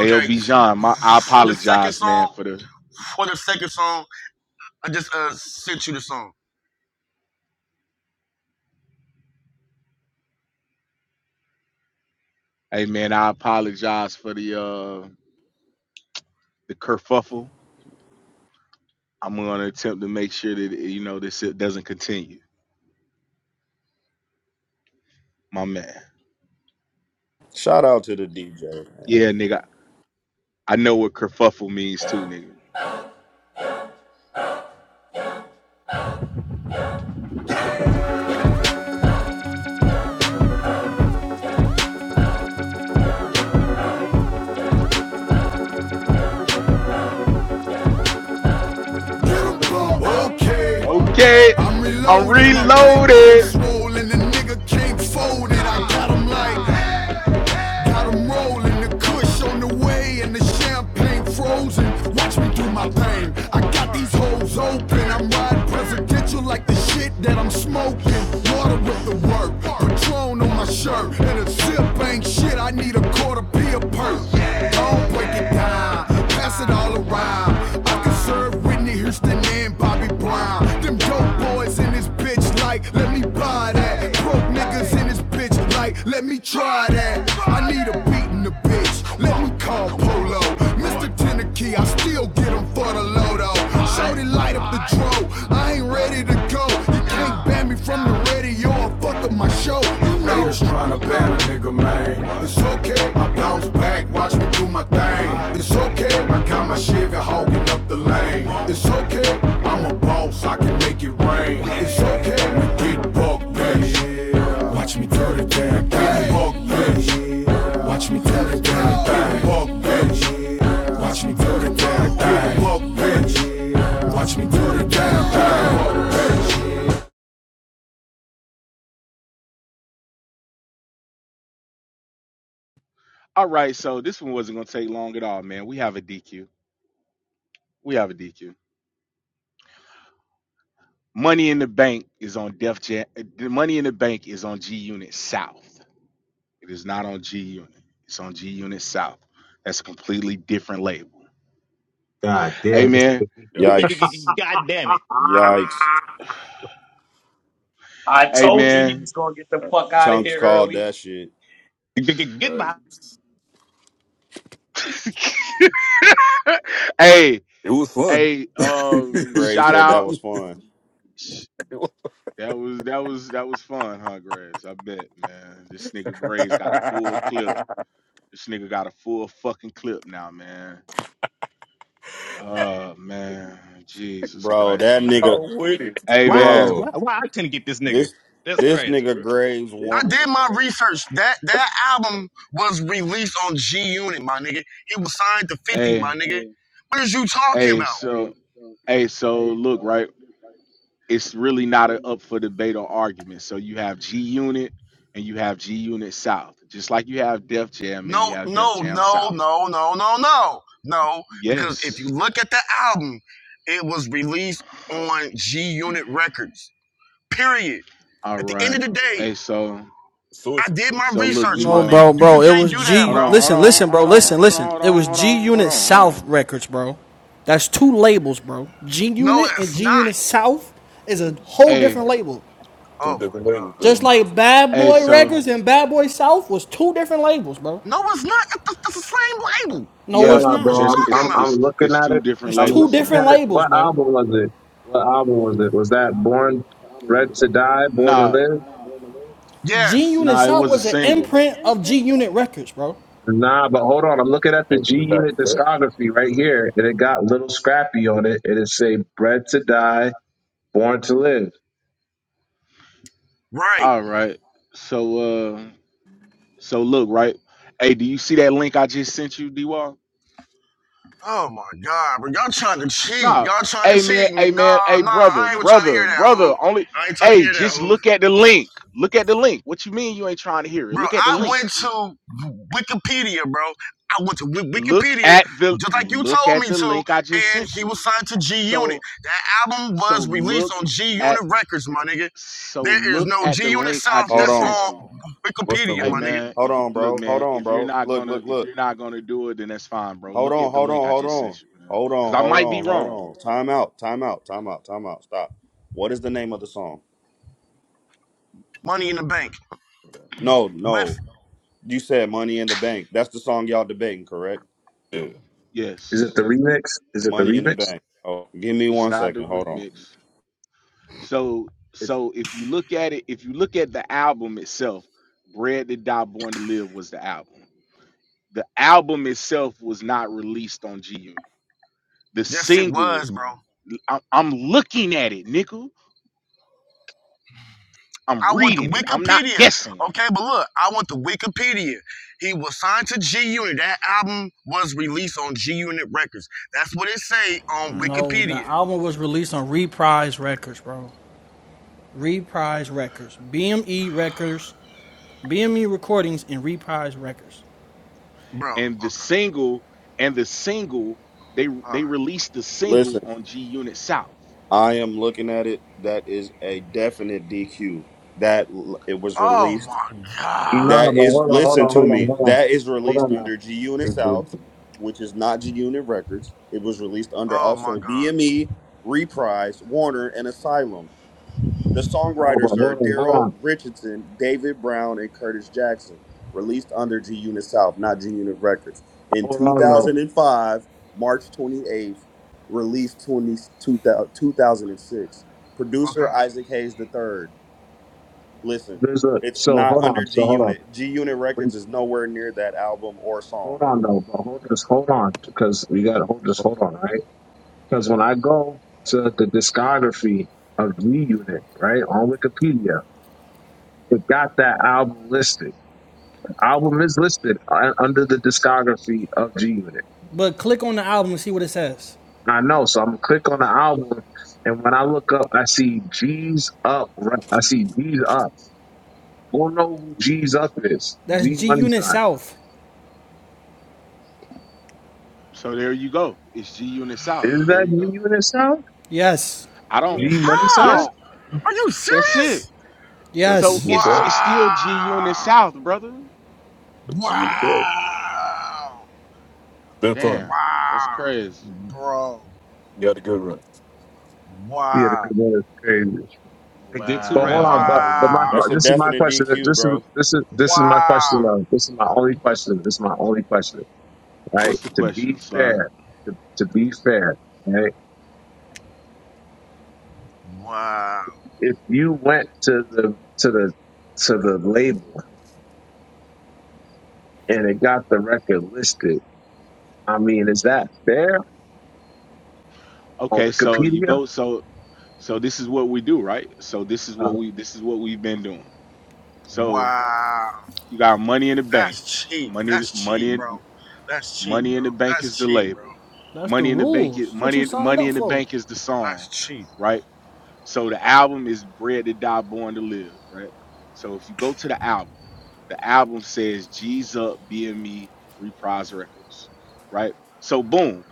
Speaker 1: ALB John, my, I
Speaker 6: for the second
Speaker 1: apologize, man,
Speaker 6: song,
Speaker 1: for the
Speaker 6: for the second song, I just uh sent you the song.
Speaker 1: Hey man, I apologize for the uh the kerfuffle. I'm gonna attempt to make sure that you know this shit doesn't continue. My man.
Speaker 3: Shout out to the DJ, man.
Speaker 1: Yeah, nigga. I know what kerfuffle means too, nigga.
Speaker 7: Okay,
Speaker 1: Okay,
Speaker 7: I'm
Speaker 1: I'm
Speaker 7: reloaded, my bankroll
Speaker 1: reloaded.
Speaker 7: swollen, the nigga can't fold it. I got him like I'm rolling the kush on the way and the champagne frozen. Watch me do my thing. I got these hoes old packed like the shit that I'm smoking. Water with the work, Patron on my shirt, and a sip ain't shit. I need a quarter be a perk. Don't break it down, pass it all around time. I could serve Whitney Houston and Bobby Brown. Them dope boys in this bitch, like, let me buy that. Broke niggas in this bitch, like, let me try that. I need a beat in the bitch, let me call Polo. Mr. Tenneke, I still get him for the Lodo. Shorty light up the dro, I ain't ready to go. You can't ban me from the radio or fuck up my show. You know. trying to ban Atlanta nigga, man. It's okay, I bounce back, watch me do my thing. It's okay, I got my Chevy hogging up the lane. It's okay, I'm a boss, I can make it rain. It's okay, we get buck baby. Watch me do the damn thing. Get buck baby. Watch me do the damn thing. Buck baby. Watch me do the damn thing. Buck baby. Watch me do the damn thing.
Speaker 1: All right, so this one wasn't gonna take long at all, man. We have a DQ. We have a DQ. Money in the Bank is on Def Jam. Money in the Bank is on G Unit South. It is not on G Unit. It's on G Unit South. That's a completely different label.
Speaker 8: God damn. This
Speaker 1: Amen.
Speaker 8: nigga think he-
Speaker 3: Yikes.
Speaker 2: Yikes.
Speaker 4: God
Speaker 8: *laughs*
Speaker 4: damn it.
Speaker 2: Yikes.
Speaker 3: Yikes.
Speaker 5: I told you he
Speaker 1: Amen.
Speaker 5: was gonna get the fuck out of
Speaker 3: Chunks
Speaker 5: here
Speaker 3: called
Speaker 5: early.
Speaker 3: that shit.
Speaker 4: Get my
Speaker 2: Yikes.
Speaker 1: *laughs* hey,
Speaker 2: It was fun.
Speaker 1: hey, um,
Speaker 3: Gray
Speaker 1: shout
Speaker 2: *laughs*
Speaker 3: said that
Speaker 1: out.
Speaker 3: was fun.
Speaker 2: It was-
Speaker 1: That was that was that was fun, huh, Graves? I bet, man. This nigga Graves got a full clip. This nigga got a full fucking clip now, man. Oh man, Jesus
Speaker 3: Bro,
Speaker 1: Christ,
Speaker 3: that
Speaker 2: *laughs*
Speaker 3: nigga,
Speaker 1: man.
Speaker 2: I'm with it.
Speaker 1: Hey,
Speaker 4: why
Speaker 1: man.
Speaker 3: bro,
Speaker 4: why why I couldn't get this nigga.
Speaker 3: this
Speaker 4: That's
Speaker 3: this
Speaker 4: crazy,
Speaker 3: nigga
Speaker 4: bro.
Speaker 3: Graves one.
Speaker 6: I did my research. That that album was released on G Unit, my nigga. He was signed to 50,
Speaker 1: Hey,
Speaker 6: my nigga. What is you talking
Speaker 1: hey.
Speaker 6: about?
Speaker 1: So, hey, so look, right. it's really not a, up for debate or argument. So you have G Unit and you have G Unit South, just like you have Def Jam and you
Speaker 6: No,
Speaker 1: have Def
Speaker 6: no,
Speaker 1: Jam
Speaker 6: no,
Speaker 1: South.
Speaker 6: no, no, no, no. No. Because if you
Speaker 1: Yes.
Speaker 6: look at the album, it was released on G Unit Records. Period.
Speaker 1: All
Speaker 6: At the end of
Speaker 1: right.
Speaker 6: the day,
Speaker 1: Hey, so
Speaker 6: I
Speaker 2: Sources.
Speaker 6: did my
Speaker 1: so look,
Speaker 6: research,
Speaker 1: D
Speaker 9: No,
Speaker 6: my nigga.
Speaker 1: Wall.
Speaker 9: bro,
Speaker 6: You, you
Speaker 9: bro. It
Speaker 6: can't
Speaker 9: was
Speaker 6: do that,
Speaker 1: Hold
Speaker 9: G.
Speaker 6: bro.
Speaker 1: on, hold
Speaker 9: Listen,
Speaker 1: on,
Speaker 9: listen, bro.
Speaker 1: hold on,
Speaker 9: Listen,
Speaker 1: hold on,
Speaker 9: listen.
Speaker 1: hold
Speaker 9: It
Speaker 1: on,
Speaker 9: was
Speaker 1: hold
Speaker 9: G
Speaker 1: on, hold
Speaker 9: Unit
Speaker 1: on, hold
Speaker 9: South
Speaker 1: on.
Speaker 9: Records, bro. That's two labels, bro. G
Speaker 6: No,
Speaker 9: Unit and
Speaker 6: it's
Speaker 9: G
Speaker 6: not.
Speaker 9: Unit South is a whole
Speaker 1: Hey,
Speaker 9: different label.
Speaker 2: Two
Speaker 6: Oh my
Speaker 2: different
Speaker 6: god,
Speaker 2: labels, but
Speaker 9: Just
Speaker 6: bro.
Speaker 9: like Bad
Speaker 1: hey,
Speaker 9: Boy
Speaker 1: so
Speaker 9: Records and Bad Boy South was two different labels, bro.
Speaker 6: No, it's not. That's the same label.
Speaker 9: No,
Speaker 1: yeah,
Speaker 9: it's
Speaker 8: nah,
Speaker 6: What are
Speaker 9: not.
Speaker 6: you
Speaker 8: bro.
Speaker 1: then
Speaker 8: I'm,
Speaker 6: talking
Speaker 8: I'm
Speaker 1: it's
Speaker 6: about?
Speaker 1: it's
Speaker 8: I'm looking
Speaker 1: it's
Speaker 8: at
Speaker 1: two
Speaker 8: it.
Speaker 1: different
Speaker 9: It's
Speaker 8: I'm
Speaker 9: two
Speaker 1: labels,
Speaker 8: looking
Speaker 1: man.
Speaker 9: different
Speaker 8: at it.
Speaker 9: labels,
Speaker 8: What
Speaker 9: bro.
Speaker 8: album was it? What album was it? Was that Born Bred to Die, Born to
Speaker 1: Nah,
Speaker 8: Live?
Speaker 9: G
Speaker 6: Yes.
Speaker 9: Unit
Speaker 1: nah, it
Speaker 9: South
Speaker 1: was a
Speaker 9: was an
Speaker 1: single.
Speaker 9: imprint of G Unit Records, bro.
Speaker 8: Nah, but hold on. I'm looking at
Speaker 2: yeah,
Speaker 8: the
Speaker 2: but
Speaker 8: G
Speaker 2: it's
Speaker 8: Unit
Speaker 2: not that.
Speaker 8: discography right here, and it got Little Scrappy on it, and it say Bred to Die, Born to Live.
Speaker 6: Right.
Speaker 1: All right. So uh so look, right? Hey, do you see that link I just sent you, D Wall?
Speaker 6: Oh my God, bro! Y'all trying to cheat?
Speaker 1: No.
Speaker 6: Y'all trying to
Speaker 1: Hey man,
Speaker 6: cheat me?
Speaker 1: hey man,
Speaker 6: Nah,
Speaker 1: hey
Speaker 6: nah,
Speaker 1: brother,
Speaker 6: I ain't trying to hear
Speaker 1: brother,
Speaker 6: that,
Speaker 1: brother.
Speaker 6: Hoof.
Speaker 1: Only
Speaker 6: I ain't trying to
Speaker 1: hey,
Speaker 6: hear that,
Speaker 1: just
Speaker 6: Hoof.
Speaker 1: look at the link. Look at the link. What you mean you ain't trying to hear it?
Speaker 6: Bro,
Speaker 1: Look at the
Speaker 6: I
Speaker 1: link.
Speaker 6: went to Wikipedia, bro. I went to Wi-
Speaker 1: Look
Speaker 6: Wikipedia
Speaker 1: at the
Speaker 6: just like you
Speaker 1: look
Speaker 6: told
Speaker 1: at
Speaker 6: me
Speaker 1: the
Speaker 6: to,
Speaker 1: link I just
Speaker 6: and
Speaker 1: sent
Speaker 6: he
Speaker 1: you.
Speaker 6: was signed to G Unit.
Speaker 1: So
Speaker 6: That album
Speaker 1: so
Speaker 6: was released
Speaker 1: look
Speaker 6: on G
Speaker 1: at
Speaker 6: Unit Records, my nigga.
Speaker 1: so
Speaker 6: There is
Speaker 1: look
Speaker 6: no
Speaker 1: at
Speaker 6: G
Speaker 1: the
Speaker 6: Unit
Speaker 1: link I
Speaker 6: South
Speaker 3: Hold
Speaker 1: just
Speaker 6: that's
Speaker 3: on,
Speaker 1: sent
Speaker 6: on
Speaker 1: you.
Speaker 2: What's the
Speaker 6: Wikipedia,
Speaker 1: Hey
Speaker 2: limit?
Speaker 6: my nigga.
Speaker 1: man,
Speaker 3: hold
Speaker 1: if you
Speaker 3: on,
Speaker 1: look
Speaker 3: bro, hold
Speaker 1: man,
Speaker 3: on,
Speaker 1: if you're
Speaker 3: bro.
Speaker 1: not
Speaker 3: Look,
Speaker 1: gonna
Speaker 3: look,
Speaker 1: if
Speaker 3: look.
Speaker 1: you're not gonna do it, then that's fine, bro.
Speaker 3: Hold
Speaker 1: Look
Speaker 3: on,
Speaker 1: at the
Speaker 3: hold on,
Speaker 1: link I
Speaker 3: hold
Speaker 1: just
Speaker 3: on,
Speaker 1: sent you, man.
Speaker 3: hold
Speaker 1: Cause
Speaker 3: on,
Speaker 1: I
Speaker 3: hold
Speaker 1: might be
Speaker 3: on, hold
Speaker 1: wrong.
Speaker 3: on. Time out, time out, time out, time out. Stop. What is the name of the song?
Speaker 6: Money in the Bank
Speaker 3: No,
Speaker 6: with
Speaker 3: no. You said "Money in the Bank." That's the song y'all debating, correct?
Speaker 2: Yeah,
Speaker 8: Is
Speaker 1: Yes.
Speaker 8: it the remix? Is it the
Speaker 3: "Money in the
Speaker 8: remix?
Speaker 3: Bank." Oh, give me
Speaker 1: It's
Speaker 3: one
Speaker 1: not
Speaker 3: second.
Speaker 1: the
Speaker 3: Hold on.
Speaker 1: remix. So
Speaker 8: It's,
Speaker 1: so if you look at it, if you look at the album itself, Bread to Die Born to Live was the album. The album itself was not released on G Unit. The
Speaker 6: yes, it
Speaker 1: single,
Speaker 6: was, bro.
Speaker 1: I- I'm looking at it, nickel. I'm
Speaker 6: I want the
Speaker 1: reading it. I'm not
Speaker 6: Wikipedia.
Speaker 1: guessing.
Speaker 6: Okay, but look, I want the Wikipedia. He was signed to G Unit. That album was released on G Unit Records. That's what it say on
Speaker 1: Uh,
Speaker 9: No, the
Speaker 6: Wikipedia.
Speaker 9: album was released on Reprise Records, bro. Reprise Records, BME Records, BME Recordings, and Reprise Records.
Speaker 6: Bro,
Speaker 1: and the
Speaker 6: okay.
Speaker 1: single, and the single, they
Speaker 6: All
Speaker 1: they
Speaker 6: right.
Speaker 1: released the single
Speaker 3: Listen,
Speaker 1: on G Unit South.
Speaker 3: I am looking at it. That is a definite DQ. That l- it was
Speaker 6: Oh
Speaker 3: released
Speaker 6: my god.
Speaker 8: nah, but
Speaker 3: That is
Speaker 8: hold on, hold
Speaker 3: listen
Speaker 8: on,
Speaker 3: to
Speaker 8: hold on,
Speaker 3: me.
Speaker 8: hold on.
Speaker 3: That is
Speaker 8: Hold
Speaker 3: released
Speaker 8: on
Speaker 3: under G Unit South,
Speaker 2: influencer.
Speaker 3: which is not G Unit Records. It was released under
Speaker 6: Oh my
Speaker 3: also
Speaker 6: god.
Speaker 3: BME, Reprise, Warner, and Asylum. The
Speaker 8: No, but
Speaker 3: songwriters
Speaker 8: hold
Speaker 3: are
Speaker 8: on, hold
Speaker 3: Daryl
Speaker 8: on,
Speaker 3: Richardson, David Brown, and Curtis Jackson. Released under G Unit South, not G Unit Records. In
Speaker 8: hold on though.
Speaker 3: 2005, March 28th, released 20, two thousand six.
Speaker 6: Okay.
Speaker 3: Producer Isaac Hayes the third. Listen,
Speaker 8: There's a
Speaker 3: it's
Speaker 8: so
Speaker 3: not
Speaker 8: hold on,
Speaker 3: under G
Speaker 8: so hold on.
Speaker 3: Unit. G Unit
Speaker 8: We,
Speaker 3: Records is nowhere near that album or song.
Speaker 8: hold on though, but hold just hold on because we got to hold just hold on, right? Because when I go to the discography of G Unit, right, on Wikipedia, it got that album listed. The album is listed uh, under the discography of G Unit.
Speaker 9: But click on the album and see what it says.
Speaker 8: I know, so I'm gonna click on the album, and when I look up, I see G's up. right? I see G's up. I don't know who G's up is.
Speaker 9: That's
Speaker 8: G
Speaker 9: G
Speaker 8: Money
Speaker 9: Unit
Speaker 8: Sign.
Speaker 9: South.
Speaker 1: So there you go. It's G Unit South.
Speaker 8: Is
Speaker 1: There
Speaker 8: that
Speaker 1: you go.
Speaker 8: you in the South?
Speaker 9: Yes.
Speaker 1: I don't.
Speaker 2: Yeah,
Speaker 8: G Money
Speaker 1: Yes,
Speaker 8: Sign?
Speaker 6: How? Are you
Speaker 1: That's it.
Speaker 6: serious?
Speaker 2: that's what you
Speaker 1: So
Speaker 9: Yes.
Speaker 2: look
Speaker 1: it's
Speaker 2: up.
Speaker 1: it's still G
Speaker 6: Wow.
Speaker 1: Unit South, brother.
Speaker 2: It's you to tell. It's
Speaker 6: Wow.
Speaker 2: been fun.
Speaker 1: Damn, that's
Speaker 6: Wow.
Speaker 1: crazy.
Speaker 6: Bro.
Speaker 2: You had a good run,
Speaker 8: Yeah, the
Speaker 6: Wow.
Speaker 8: Kabbalah is crazy.
Speaker 4: They did two
Speaker 8: But hold
Speaker 4: rounds, man.
Speaker 8: on,
Speaker 4: I thought
Speaker 8: but
Speaker 1: Wow,
Speaker 4: it was that
Speaker 8: but
Speaker 4: was
Speaker 8: my
Speaker 4: a
Speaker 1: man.
Speaker 6: Wow.
Speaker 8: but
Speaker 4: good
Speaker 3: That's a
Speaker 4: pick.
Speaker 8: this is my
Speaker 3: definite
Speaker 8: question.
Speaker 3: DQ,
Speaker 8: This is
Speaker 3: bro.
Speaker 8: this is this is my
Speaker 6: Wow.
Speaker 8: question. Though. This is my only question. This is my only question. Right?
Speaker 1: What's the
Speaker 8: To
Speaker 1: question,
Speaker 8: be
Speaker 1: slot?
Speaker 8: fair, to, to be fair, right?
Speaker 6: Wow.
Speaker 8: If you went to the to the to the label and it got the record listed, I mean, is that fair on
Speaker 1: Okay, so you
Speaker 8: Wikipedia?
Speaker 1: go. So so this is what we do, right? So this is
Speaker 8: Uh,
Speaker 1: what we this is what we've been doing. So
Speaker 6: Wow,
Speaker 1: you got money in the bank.
Speaker 6: that's cheap.
Speaker 1: Money
Speaker 6: That's
Speaker 1: money
Speaker 6: cheap,
Speaker 1: in
Speaker 6: bro. That's cheap,
Speaker 1: money in
Speaker 6: bro.
Speaker 1: the bank
Speaker 6: That's
Speaker 1: is the
Speaker 6: cheap, bro.
Speaker 1: label.
Speaker 9: That's the
Speaker 1: Money in the bank
Speaker 9: rules.
Speaker 1: is
Speaker 9: That's what
Speaker 1: money
Speaker 9: you
Speaker 1: in-
Speaker 9: signed
Speaker 1: money
Speaker 9: up
Speaker 1: in the
Speaker 9: for.
Speaker 1: bank is the
Speaker 6: That's
Speaker 1: song,
Speaker 6: cheap.
Speaker 1: right? So the album is Bred to Die, Born to Live, right? So if you go to the album, the album says G's Up, BME, Reprise Records, right? So boom,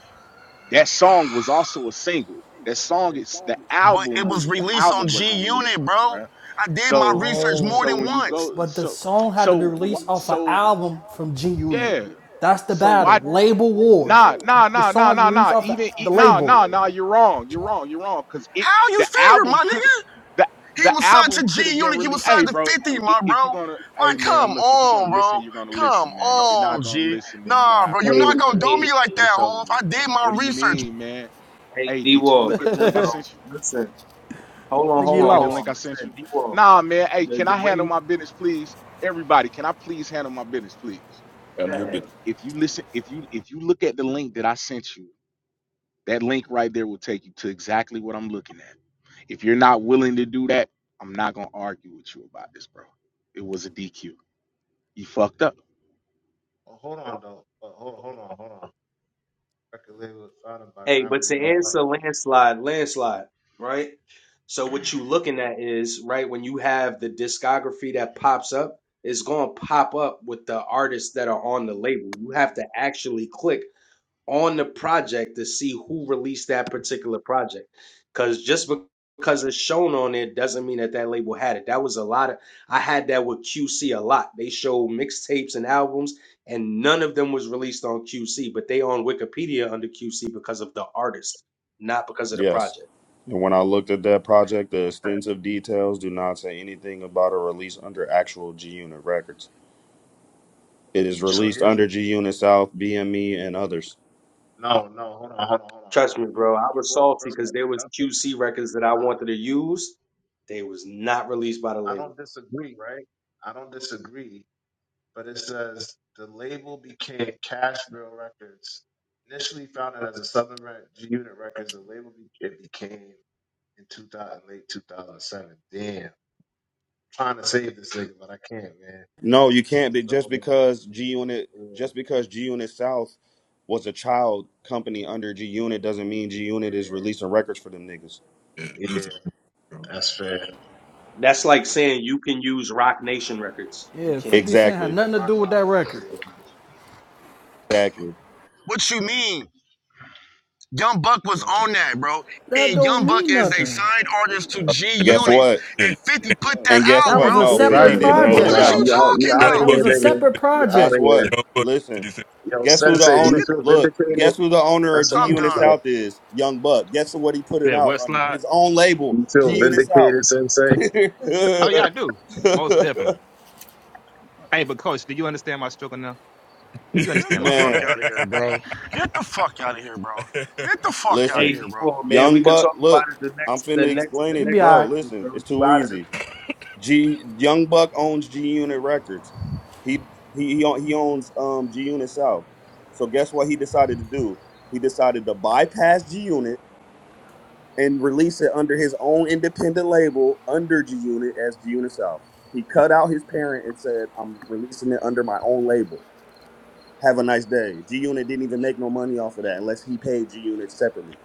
Speaker 1: that song was also a single. That song is the
Speaker 6: But it
Speaker 1: album was
Speaker 6: was
Speaker 1: the
Speaker 6: released on
Speaker 1: album wasn't
Speaker 6: G
Speaker 1: released
Speaker 6: Unit,
Speaker 1: on that,
Speaker 6: bro.
Speaker 1: right?
Speaker 6: I did my
Speaker 1: So
Speaker 6: research
Speaker 9: No.
Speaker 6: more
Speaker 1: so
Speaker 6: than
Speaker 1: when you
Speaker 6: once.
Speaker 1: go
Speaker 9: But the
Speaker 1: so
Speaker 9: song had to be
Speaker 1: so wh-
Speaker 9: released off an
Speaker 1: so
Speaker 9: album from G Unit.
Speaker 1: yeah.
Speaker 9: That's the
Speaker 1: So why
Speaker 9: battle. Label wars.
Speaker 1: Nah, nah,
Speaker 9: The
Speaker 1: nah,
Speaker 9: song
Speaker 1: nah,
Speaker 9: had to be
Speaker 1: nah,
Speaker 9: released
Speaker 1: nah.
Speaker 9: off the,
Speaker 1: Even e-
Speaker 9: the
Speaker 1: nah,
Speaker 9: label.
Speaker 1: nah, nah. You're wrong. You're wrong. You're wrong. Cause it
Speaker 6: How you
Speaker 1: the
Speaker 6: figure,
Speaker 1: album
Speaker 6: my
Speaker 1: could
Speaker 6: nigga?
Speaker 1: the
Speaker 6: He
Speaker 1: the
Speaker 6: was signed
Speaker 1: album
Speaker 6: to
Speaker 1: could have
Speaker 6: G
Speaker 1: been
Speaker 6: Unit. He
Speaker 1: really.
Speaker 6: was
Speaker 1: Hey,
Speaker 6: signed to
Speaker 1: bro.
Speaker 6: 50,
Speaker 1: i- i-
Speaker 6: my
Speaker 1: If
Speaker 6: bro.
Speaker 1: you're gonna, hey
Speaker 6: Like,
Speaker 1: man,
Speaker 6: come
Speaker 1: look. If you're gonna
Speaker 6: on,
Speaker 1: listen,
Speaker 6: bro.
Speaker 1: you're gonna
Speaker 6: Come
Speaker 1: listen, man. If you're
Speaker 6: on,
Speaker 1: not gonna
Speaker 6: G.
Speaker 1: listen, then you don't
Speaker 6: Nah,
Speaker 1: have
Speaker 6: bro.
Speaker 1: to
Speaker 6: You're not
Speaker 1: listen,
Speaker 5: Hey,
Speaker 6: gonna
Speaker 1: man.
Speaker 6: do
Speaker 5: hey,
Speaker 6: me like
Speaker 1: But
Speaker 6: that,
Speaker 1: it's over
Speaker 6: Hov. I
Speaker 1: with.
Speaker 6: did my
Speaker 1: What do you
Speaker 6: research.
Speaker 1: mean, man?
Speaker 5: hey,
Speaker 1: Hey,
Speaker 5: D
Speaker 1: did you
Speaker 5: Wall,
Speaker 1: look at the
Speaker 5: listen,
Speaker 1: link I
Speaker 5: bro,
Speaker 1: sent you?
Speaker 5: listen. Hold on,
Speaker 1: Did
Speaker 9: Nigga,
Speaker 1: you
Speaker 9: you
Speaker 5: hold
Speaker 1: look
Speaker 5: on,
Speaker 1: at the
Speaker 5: hold
Speaker 9: lost.
Speaker 1: link
Speaker 5: on.
Speaker 1: I sent
Speaker 5: Listen,
Speaker 1: you?
Speaker 5: D Wall.
Speaker 1: Nah, man. Hey,
Speaker 5: The,
Speaker 1: can I
Speaker 5: the
Speaker 1: handle
Speaker 5: way,
Speaker 1: my business, please? Everybody, can I please handle my business, please?
Speaker 2: and you're busy.
Speaker 1: If you listen, if you if you look at the link that I sent you That link right there will take you to exactly what I'm looking at. If you're not willing to do that, I'm not gonna argue with you about this, bro. It was a DQ. You fucked up.
Speaker 5: hey, but to answer landslide, landslide, right? So what you looking at is right when you have the discography that pops up, it's gonna pop up with the artists that are on the label. You have to actually click on the project to see who released that particular project. Because just be- because it's shown on it doesn't mean that that label had it. That was a lot of, I had that with QC a lot. They showed mixtapes and albums, and none of them was released on QC, but they on Wikipedia under QC because of the artist, not because of the
Speaker 3: Yes.
Speaker 5: project.
Speaker 3: And when I looked at that project, the extensive details do not say anything about a release under actual G Unit Records. It is released under G Unit South, BME, and others.
Speaker 5: Trust me, bro. I was salty because there was QC records that I wanted to use. They was not released by the label.
Speaker 3: No, you can't be just because G Unit just because G Unit South was a child company under G Unit doesn't mean G Unit is releasing records for them niggas.
Speaker 2: Yeah, you was bro.
Speaker 5: That's like saying you can use Rock Nation records. You
Speaker 9: Yeah,
Speaker 5: can't.
Speaker 9: 50 Cent had
Speaker 3: Exactly.
Speaker 9: nothing to do with that record.
Speaker 3: Exactly.
Speaker 6: What you mean? Young Buck was on that, bro.
Speaker 9: That
Speaker 6: And
Speaker 9: don't
Speaker 6: Young Buck
Speaker 9: mean
Speaker 6: is a
Speaker 9: nothing.
Speaker 6: signed artist to
Speaker 2: Yeah,
Speaker 6: G
Speaker 2: that's
Speaker 3: Guess
Speaker 2: not-
Speaker 6: Unit.
Speaker 3: what?
Speaker 2: yeah,
Speaker 6: And 50 put that
Speaker 3: And guess
Speaker 6: out,
Speaker 9: That
Speaker 3: what?
Speaker 9: was a
Speaker 6: bro.
Speaker 3: No,
Speaker 8: yeah,
Speaker 9: separate
Speaker 3: 50
Speaker 1: Right.
Speaker 3: didn't
Speaker 6: What
Speaker 8: bro,
Speaker 3: put it
Speaker 9: project.
Speaker 8: nah,
Speaker 6: was
Speaker 3: out.
Speaker 6: you
Speaker 8: you out, you
Speaker 6: talking
Speaker 8: out
Speaker 2: young
Speaker 8: of
Speaker 6: about?
Speaker 9: That
Speaker 8: here,
Speaker 9: was
Speaker 2: buck
Speaker 9: a
Speaker 2: ain't fifty.
Speaker 8: nigga.
Speaker 9: separate
Speaker 8: You out
Speaker 3: Guess
Speaker 8: of
Speaker 9: project.
Speaker 8: here.
Speaker 3: what?
Speaker 2: Young buck ain't
Speaker 3: Listen.
Speaker 2: fifty-six.
Speaker 8: Yo,
Speaker 3: Guess who the
Speaker 8: Sensei, do
Speaker 6: Man,
Speaker 8: you
Speaker 3: owner
Speaker 6: get, the,
Speaker 8: feel
Speaker 3: look,
Speaker 8: vindicated?
Speaker 3: guess who the owner of
Speaker 8: That's
Speaker 3: G
Speaker 8: what I
Speaker 6: I'm
Speaker 3: Unit
Speaker 8: want to
Speaker 6: done.
Speaker 8: know.
Speaker 3: South is? Young Buck. Guess what he put it
Speaker 4: Yeah,
Speaker 3: out
Speaker 4: West
Speaker 3: under? His own
Speaker 8: Do
Speaker 3: label,
Speaker 8: you
Speaker 3: G
Speaker 8: feel
Speaker 3: Unit South.
Speaker 8: vindicated, Sensei?
Speaker 4: Oh yeah, I
Speaker 3: *laughs*
Speaker 4: do. Most definitely. Hey, but coach, do you understand my struggle now?
Speaker 2: *laughs*
Speaker 4: You
Speaker 6: Get
Speaker 2: Nigga,
Speaker 4: understand
Speaker 6: the
Speaker 4: my
Speaker 6: fuck
Speaker 4: pain.
Speaker 3: Man,
Speaker 6: out of here, bro. Get the fuck out of here, bro. Get the fuck out of
Speaker 3: listen.
Speaker 5: Hey,
Speaker 6: here, bro.
Speaker 5: people, man, we
Speaker 3: Young
Speaker 5: could
Speaker 3: Buck,
Speaker 5: talk about
Speaker 3: look,
Speaker 5: it the
Speaker 3: I'm
Speaker 5: next, the
Speaker 3: finna
Speaker 5: next,
Speaker 3: explain
Speaker 5: the
Speaker 9: You
Speaker 3: it,
Speaker 9: be
Speaker 5: next
Speaker 3: bro.
Speaker 9: alright.
Speaker 5: verses, bro.
Speaker 3: Listen, it's
Speaker 5: You
Speaker 3: too
Speaker 5: out of this?
Speaker 3: easy. G Young Buck owns G Unit Records. He he he own- he owns um G Unit South. So guess what he decided to do? He decided to bypass G Unit and release it under his own independent label under G Unit as G Unit South. He cut out his parent and said, "I'm releasing it under my own label. Have a nice day." G Unit didn't even make no money off of that unless he paid G Unit separately.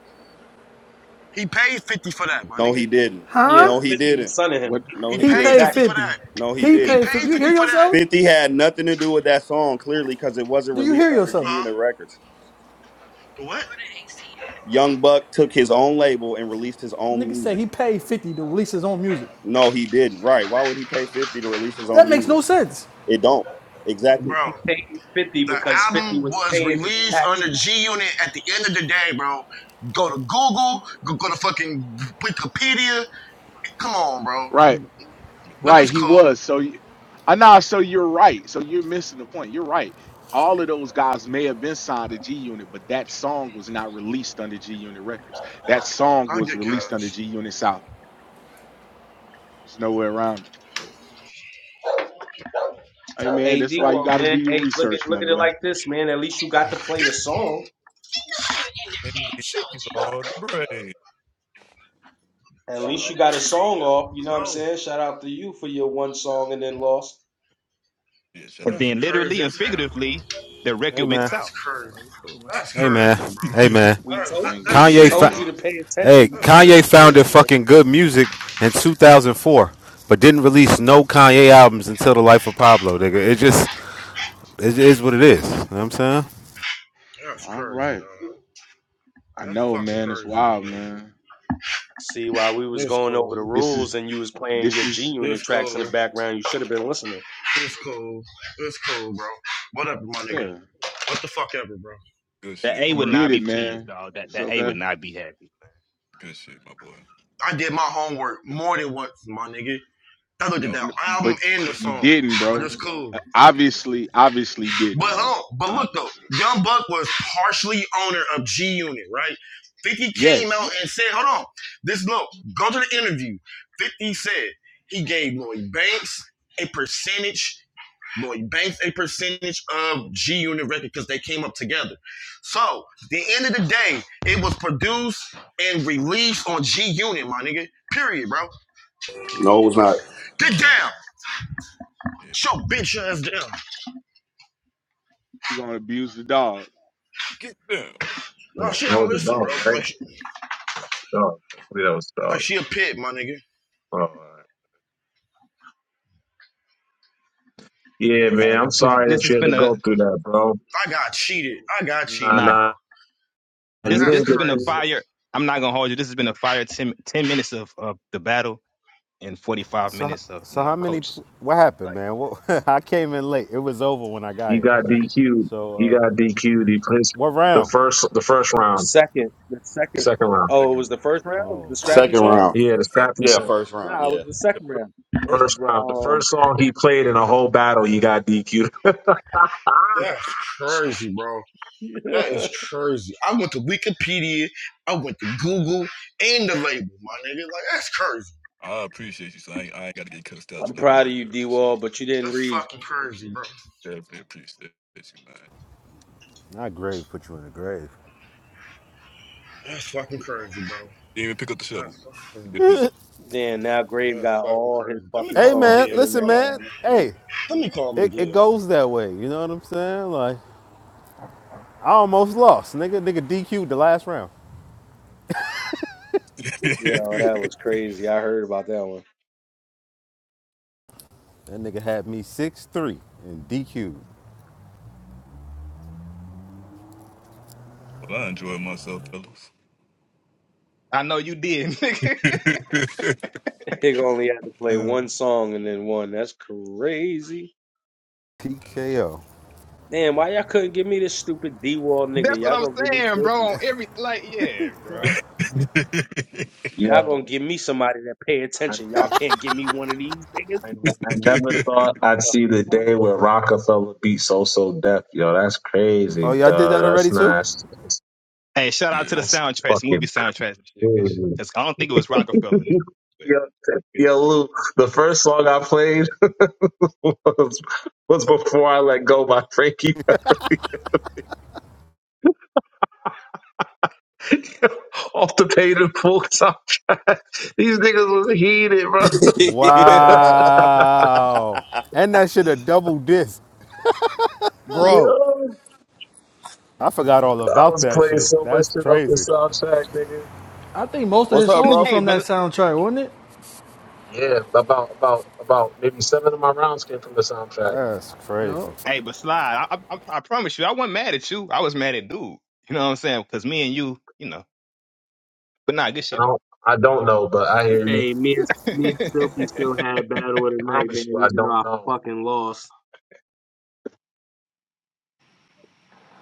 Speaker 6: He paid 50 for that, my
Speaker 3: No, he
Speaker 6: nigga.
Speaker 3: didn't.
Speaker 5: Yeah, but
Speaker 3: No,
Speaker 9: Huh?
Speaker 3: he
Speaker 5: Fifty was
Speaker 3: didn't.
Speaker 5: son of
Speaker 1: What
Speaker 5: him. He was
Speaker 3: No,
Speaker 6: He
Speaker 3: he
Speaker 9: He
Speaker 5: paying his
Speaker 6: paid
Speaker 3: didn't.
Speaker 9: paid
Speaker 6: 50
Speaker 5: taxes.
Speaker 6: for
Speaker 9: 50.
Speaker 6: that.
Speaker 3: No, he
Speaker 9: He
Speaker 6: He
Speaker 3: didn't.
Speaker 9: paid 50.
Speaker 6: paid
Speaker 9: You
Speaker 6: 50
Speaker 9: hear
Speaker 6: for that.
Speaker 9: yourself?
Speaker 3: 50 had nothing to do with that song, clearly, because it wasn't
Speaker 9: Do you
Speaker 3: released
Speaker 9: hear
Speaker 3: under G
Speaker 9: yourself?
Speaker 6: Huh?
Speaker 3: Unit Records.
Speaker 6: The what?
Speaker 3: Young Buck took his own label and released his own
Speaker 9: Nigga said
Speaker 3: music.
Speaker 9: he paid 50 to release his own music.
Speaker 3: No, he didn't. Right. Why would he pay 50 to release his own
Speaker 9: That makes
Speaker 3: music?
Speaker 9: no sense.
Speaker 3: It don't. Exactly.
Speaker 6: Bro,
Speaker 5: He paid Fifty
Speaker 6: the
Speaker 5: because Fifty
Speaker 6: album
Speaker 5: was
Speaker 6: was
Speaker 5: paying his
Speaker 6: released under
Speaker 5: taxes.
Speaker 6: G Unit at the end of the day, bro. Go to Google, go, go to fucking Wikipedia, Come on, bro.
Speaker 1: right,
Speaker 2: we
Speaker 6: But
Speaker 1: right.
Speaker 6: it's
Speaker 2: all
Speaker 1: He
Speaker 6: cool.
Speaker 1: was. So you I know so you're right. So you're missing the point. You're right. All of those guys may have been signed to G Unit, but that song was not released under G Unit Records. That song
Speaker 6: I'll
Speaker 1: was
Speaker 6: get
Speaker 1: released under
Speaker 6: cash.
Speaker 1: G Unit South. There's no way around it. Hey man,
Speaker 5: Hey,
Speaker 1: that's
Speaker 5: d
Speaker 1: why you gotta do
Speaker 5: man.
Speaker 1: your
Speaker 5: Hey, look at
Speaker 1: research, my
Speaker 5: look at it
Speaker 1: boy.
Speaker 5: like this, man. At least you got to play a song.
Speaker 2: and these are the brave.
Speaker 5: At least you
Speaker 2: Oh,
Speaker 5: got a song off. You know what I'm
Speaker 6: No,
Speaker 5: saying? Shout out to you for your one song and then lost.
Speaker 2: yeah, shout
Speaker 4: And
Speaker 2: out
Speaker 6: that's
Speaker 4: then
Speaker 2: to
Speaker 4: literally
Speaker 6: crazy
Speaker 4: and
Speaker 6: as hell.
Speaker 4: figuratively, the
Speaker 10: Hey
Speaker 4: record went
Speaker 10: man,
Speaker 6: That's
Speaker 4: south.
Speaker 6: crazy.
Speaker 4: So it's cool, man.
Speaker 6: That's
Speaker 10: hey man,
Speaker 6: crazy,
Speaker 2: you.
Speaker 10: hey
Speaker 2: *laughs*
Speaker 10: man.
Speaker 5: We
Speaker 6: bro. That's
Speaker 5: told
Speaker 6: that,
Speaker 1: Man,
Speaker 5: you.
Speaker 1: good
Speaker 5: We
Speaker 6: that's
Speaker 10: Kanye,
Speaker 1: shit,
Speaker 6: sick,
Speaker 5: told
Speaker 10: fa-
Speaker 6: bro.
Speaker 5: you
Speaker 1: man.
Speaker 5: to pay attention.
Speaker 10: hey
Speaker 5: You
Speaker 6: That's
Speaker 5: wouldn't
Speaker 6: sick.
Speaker 10: Kanye
Speaker 5: listen to
Speaker 10: founded
Speaker 5: us, man.
Speaker 10: fucking good music in 2004, but didn't release no Kanye albums until the life of Pablo. Nigga, it just it is what it is. You know what I'm saying.
Speaker 6: That's
Speaker 1: All
Speaker 6: crazy,
Speaker 1: right.
Speaker 6: dog.
Speaker 1: I
Speaker 6: That's
Speaker 1: know,
Speaker 6: fucking
Speaker 1: man. It's
Speaker 6: crazy,
Speaker 1: wild,
Speaker 6: dog.
Speaker 1: man.
Speaker 5: See, while we was
Speaker 6: This
Speaker 5: going over
Speaker 6: cool.
Speaker 5: the
Speaker 1: This is
Speaker 5: rules and you was playing
Speaker 1: this
Speaker 5: your G
Speaker 1: is
Speaker 6: This
Speaker 5: Unit tracks in the
Speaker 6: cool.
Speaker 5: background, you should have been listening.
Speaker 6: This cool. This cool, bro. Whatever, my nigga.
Speaker 1: yeah,
Speaker 6: What the fuck ever, bro.
Speaker 2: Good
Speaker 4: The
Speaker 2: shit,
Speaker 4: A
Speaker 2: bro.
Speaker 6: For
Speaker 1: you
Speaker 4: would
Speaker 6: real.
Speaker 1: did
Speaker 4: not
Speaker 1: it,
Speaker 4: be pleased,
Speaker 1: man.
Speaker 4: dog. That
Speaker 1: It's
Speaker 4: the A would
Speaker 1: okay,
Speaker 4: not be happy.
Speaker 2: Good shit, my boy.
Speaker 6: I did my homework more than once, my nigga. I looked
Speaker 1: N-
Speaker 6: at
Speaker 2: Dog.
Speaker 6: that
Speaker 1: n-
Speaker 6: album
Speaker 1: but
Speaker 6: and the
Speaker 1: you
Speaker 6: song,
Speaker 1: didn't,
Speaker 6: but
Speaker 1: bro.
Speaker 6: it's cool.
Speaker 1: Uh, Obviously, obviously you didn't,
Speaker 6: But
Speaker 1: man.
Speaker 6: hold on, but look though,
Speaker 1: Obviously,
Speaker 6: Young Buck was partially owner of G Unit, right? 50 came out and
Speaker 1: yes,
Speaker 6: said, hold on, this look, go to the interview. 50 said he gave Lloyd Banks a percentage, Lloyd Banks a percentage of G Unit record because they came up together. So at the end of the day, it was produced and released on G Unit, my nigga. Period, bro.
Speaker 3: No, it was not.
Speaker 6: Get
Speaker 2: Uh,
Speaker 6: down.
Speaker 2: yeah.
Speaker 6: Show bitch ass down.
Speaker 1: you're gonna abuse the dog.
Speaker 2: Get down.
Speaker 6: No, she
Speaker 8: That
Speaker 6: don't
Speaker 8: was a
Speaker 6: listen,
Speaker 8: dog,
Speaker 6: bro.
Speaker 8: right?
Speaker 6: Like she,
Speaker 8: Dog. Hopefully that was a dog.
Speaker 6: like she a pit, my nigga.
Speaker 8: Oh, all right. yeah,
Speaker 4: Uh,
Speaker 8: man. I'm
Speaker 4: this
Speaker 8: sorry
Speaker 4: this
Speaker 8: that
Speaker 4: has
Speaker 8: you had to
Speaker 4: been a
Speaker 8: go through that, bro.
Speaker 6: I got cheated. I got
Speaker 8: Nah,
Speaker 4: nah,
Speaker 6: cheated,
Speaker 8: nah.
Speaker 6: bro.
Speaker 4: this
Speaker 8: You
Speaker 6: That's
Speaker 4: this
Speaker 8: didn't
Speaker 4: has
Speaker 8: get
Speaker 4: been a
Speaker 6: crazy.
Speaker 8: through.
Speaker 4: fire. I'm not gonna hold you. This has been a fire 10 10 minutes of, of the battle in 45
Speaker 10: So
Speaker 4: minutes of, you
Speaker 10: so how
Speaker 4: know,
Speaker 10: many?
Speaker 4: coach.
Speaker 10: What happened,
Speaker 4: Like,
Speaker 10: man? What, *laughs* I came in late. It was over when I got
Speaker 8: You
Speaker 10: here.
Speaker 8: got DQ'd.
Speaker 10: So uh,
Speaker 8: You got DQ'd. You placed
Speaker 10: what
Speaker 8: the
Speaker 10: round?
Speaker 8: first, the first
Speaker 5: The
Speaker 8: round,
Speaker 5: second, the second,
Speaker 8: second round.
Speaker 5: oh, it
Speaker 2: Yeah.
Speaker 5: was the first round, It was the
Speaker 10: Oh shit!
Speaker 5: scrappy
Speaker 3: Second
Speaker 5: song.
Speaker 3: round.
Speaker 8: Yeah,
Speaker 2: With
Speaker 8: the
Speaker 2: the second.
Speaker 8: scrappy
Speaker 3: Yeah,
Speaker 8: sound.
Speaker 3: first round,
Speaker 5: Nah, it was
Speaker 3: yeah.
Speaker 5: the
Speaker 2: Yeah,
Speaker 5: second
Speaker 2: fir-
Speaker 5: round. It
Speaker 2: First
Speaker 5: was
Speaker 2: round.
Speaker 8: First
Speaker 5: the
Speaker 8: round. The first
Speaker 5: um.
Speaker 8: song he played in a whole battle, He got DQ'd.
Speaker 6: That's crazy, bro.
Speaker 5: *laughs*
Speaker 6: That
Speaker 5: yeah.
Speaker 6: is crazy. I went to Wikipedia, I went to Google and the label, my nigga. Like that's crazy.
Speaker 2: I appreciate you. So I ain't, I ain't got to get cussed out
Speaker 5: I'm
Speaker 2: tonight with
Speaker 5: proud
Speaker 2: my
Speaker 5: of you,
Speaker 2: girl
Speaker 5: D
Speaker 2: and shit.
Speaker 5: Wall, but you didn't
Speaker 6: That's
Speaker 5: read.
Speaker 6: fucking crazy, bro.
Speaker 2: Definitely appreciate you, man.
Speaker 10: Not grave. Put you in the grave.
Speaker 6: That's fucking crazy, bro.
Speaker 2: You didn't even pick up the shovel.
Speaker 6: That's fucking
Speaker 2: You
Speaker 6: crazy.
Speaker 2: did this-
Speaker 5: Then now Grave
Speaker 6: That's
Speaker 5: got
Speaker 6: fucking
Speaker 5: all his
Speaker 6: crazy. Let me
Speaker 5: fucking
Speaker 10: Hey
Speaker 6: call
Speaker 5: songs
Speaker 10: man,
Speaker 5: for
Speaker 6: Miguel.
Speaker 5: the
Speaker 10: listen
Speaker 5: next
Speaker 6: Hold on.
Speaker 10: man.
Speaker 5: round. That's
Speaker 10: Hey,
Speaker 5: crazy.
Speaker 6: Let me call
Speaker 10: it, it
Speaker 6: Miguel.
Speaker 10: goes that way. You know what I'm saying? Like. I almost lost. Nigga, nigga DQ'd the last round.
Speaker 5: Yo,
Speaker 2: *laughs*
Speaker 5: that was crazy. I heard about that one. *laughs*
Speaker 10: That nigga had me 6-3 and DQ'd.
Speaker 2: well, I enjoyed myself, fellas.
Speaker 4: I know you did, *laughs* nigga.
Speaker 2: *laughs*
Speaker 5: He only had to play
Speaker 2: yeah.
Speaker 5: one song and then one. That's crazy.
Speaker 10: TKO.
Speaker 5: Damn, why y'all couldn't give me this stupid D Wall nigga?
Speaker 4: That's what
Speaker 5: Y'all
Speaker 4: I'm
Speaker 5: gonna give me
Speaker 4: saying,
Speaker 5: Silky.
Speaker 4: bro. On every, like, yeah,
Speaker 5: Fuck.
Speaker 4: bro.
Speaker 2: *laughs*
Speaker 5: Y'all gonna give me somebody that pay attention. Y'all
Speaker 8: Yeah.
Speaker 5: can't give me one of these niggas.
Speaker 8: I ne- I never thought I'd
Speaker 5: The
Speaker 8: see the
Speaker 5: fuck?
Speaker 8: day where Rockefeller beat So So Def. Yo, that's
Speaker 10: Oh,
Speaker 8: crazy,
Speaker 10: y'all did that
Speaker 8: dog. That's
Speaker 10: already
Speaker 8: not.
Speaker 10: too?
Speaker 8: That's, that's,
Speaker 4: Hey, shout out to
Speaker 2: yeah.
Speaker 4: the
Speaker 8: that's
Speaker 4: soundtracks, movie
Speaker 8: fucking
Speaker 4: soundtracks and shit. Good shit.
Speaker 8: crazy.
Speaker 4: 'Cause I don't think it was Rockefeller,
Speaker 8: *laughs*
Speaker 4: but
Speaker 8: yo,
Speaker 4: good shit.
Speaker 8: yo, Luke. The first song I played *laughs* was was before I let go by Frankie. *laughs* Off the page of full soundtrack. *laughs* These niggas was heated, bro.
Speaker 3: *laughs*
Speaker 10: Wow. And that shit a double disc.
Speaker 3: Bro.
Speaker 8: Yo,
Speaker 10: I forgot all
Speaker 8: I
Speaker 10: about
Speaker 8: was
Speaker 10: that
Speaker 8: playing
Speaker 10: shit.
Speaker 8: so much
Speaker 10: That's
Speaker 8: shit off the
Speaker 10: crazy.
Speaker 8: soundtrack, nigga.
Speaker 9: I think most of
Speaker 3: What's
Speaker 9: his
Speaker 3: up,
Speaker 4: No,
Speaker 9: songs were
Speaker 3: bro?
Speaker 4: Hey,
Speaker 9: from that
Speaker 4: but
Speaker 9: soundtrack, wasn't it?
Speaker 8: Yeah, about about about maybe seven of my rounds came from the soundtrack.
Speaker 10: That's
Speaker 9: Yeah.
Speaker 10: crazy.
Speaker 4: hey, but slide. I, I, I promise you, I wasn't mad at you. I was mad at dude. You know what I'm saying? Because me and you, you know. But nah, good shit
Speaker 8: I
Speaker 4: though.
Speaker 8: don't, I don't know, but I hear you.
Speaker 5: Hey, me and
Speaker 4: *laughs*
Speaker 5: me and Silky still had a battle of
Speaker 8: I
Speaker 5: the night, man.
Speaker 8: promise you, I
Speaker 5: Even though
Speaker 8: don't
Speaker 5: I
Speaker 8: know.
Speaker 5: fucking lost,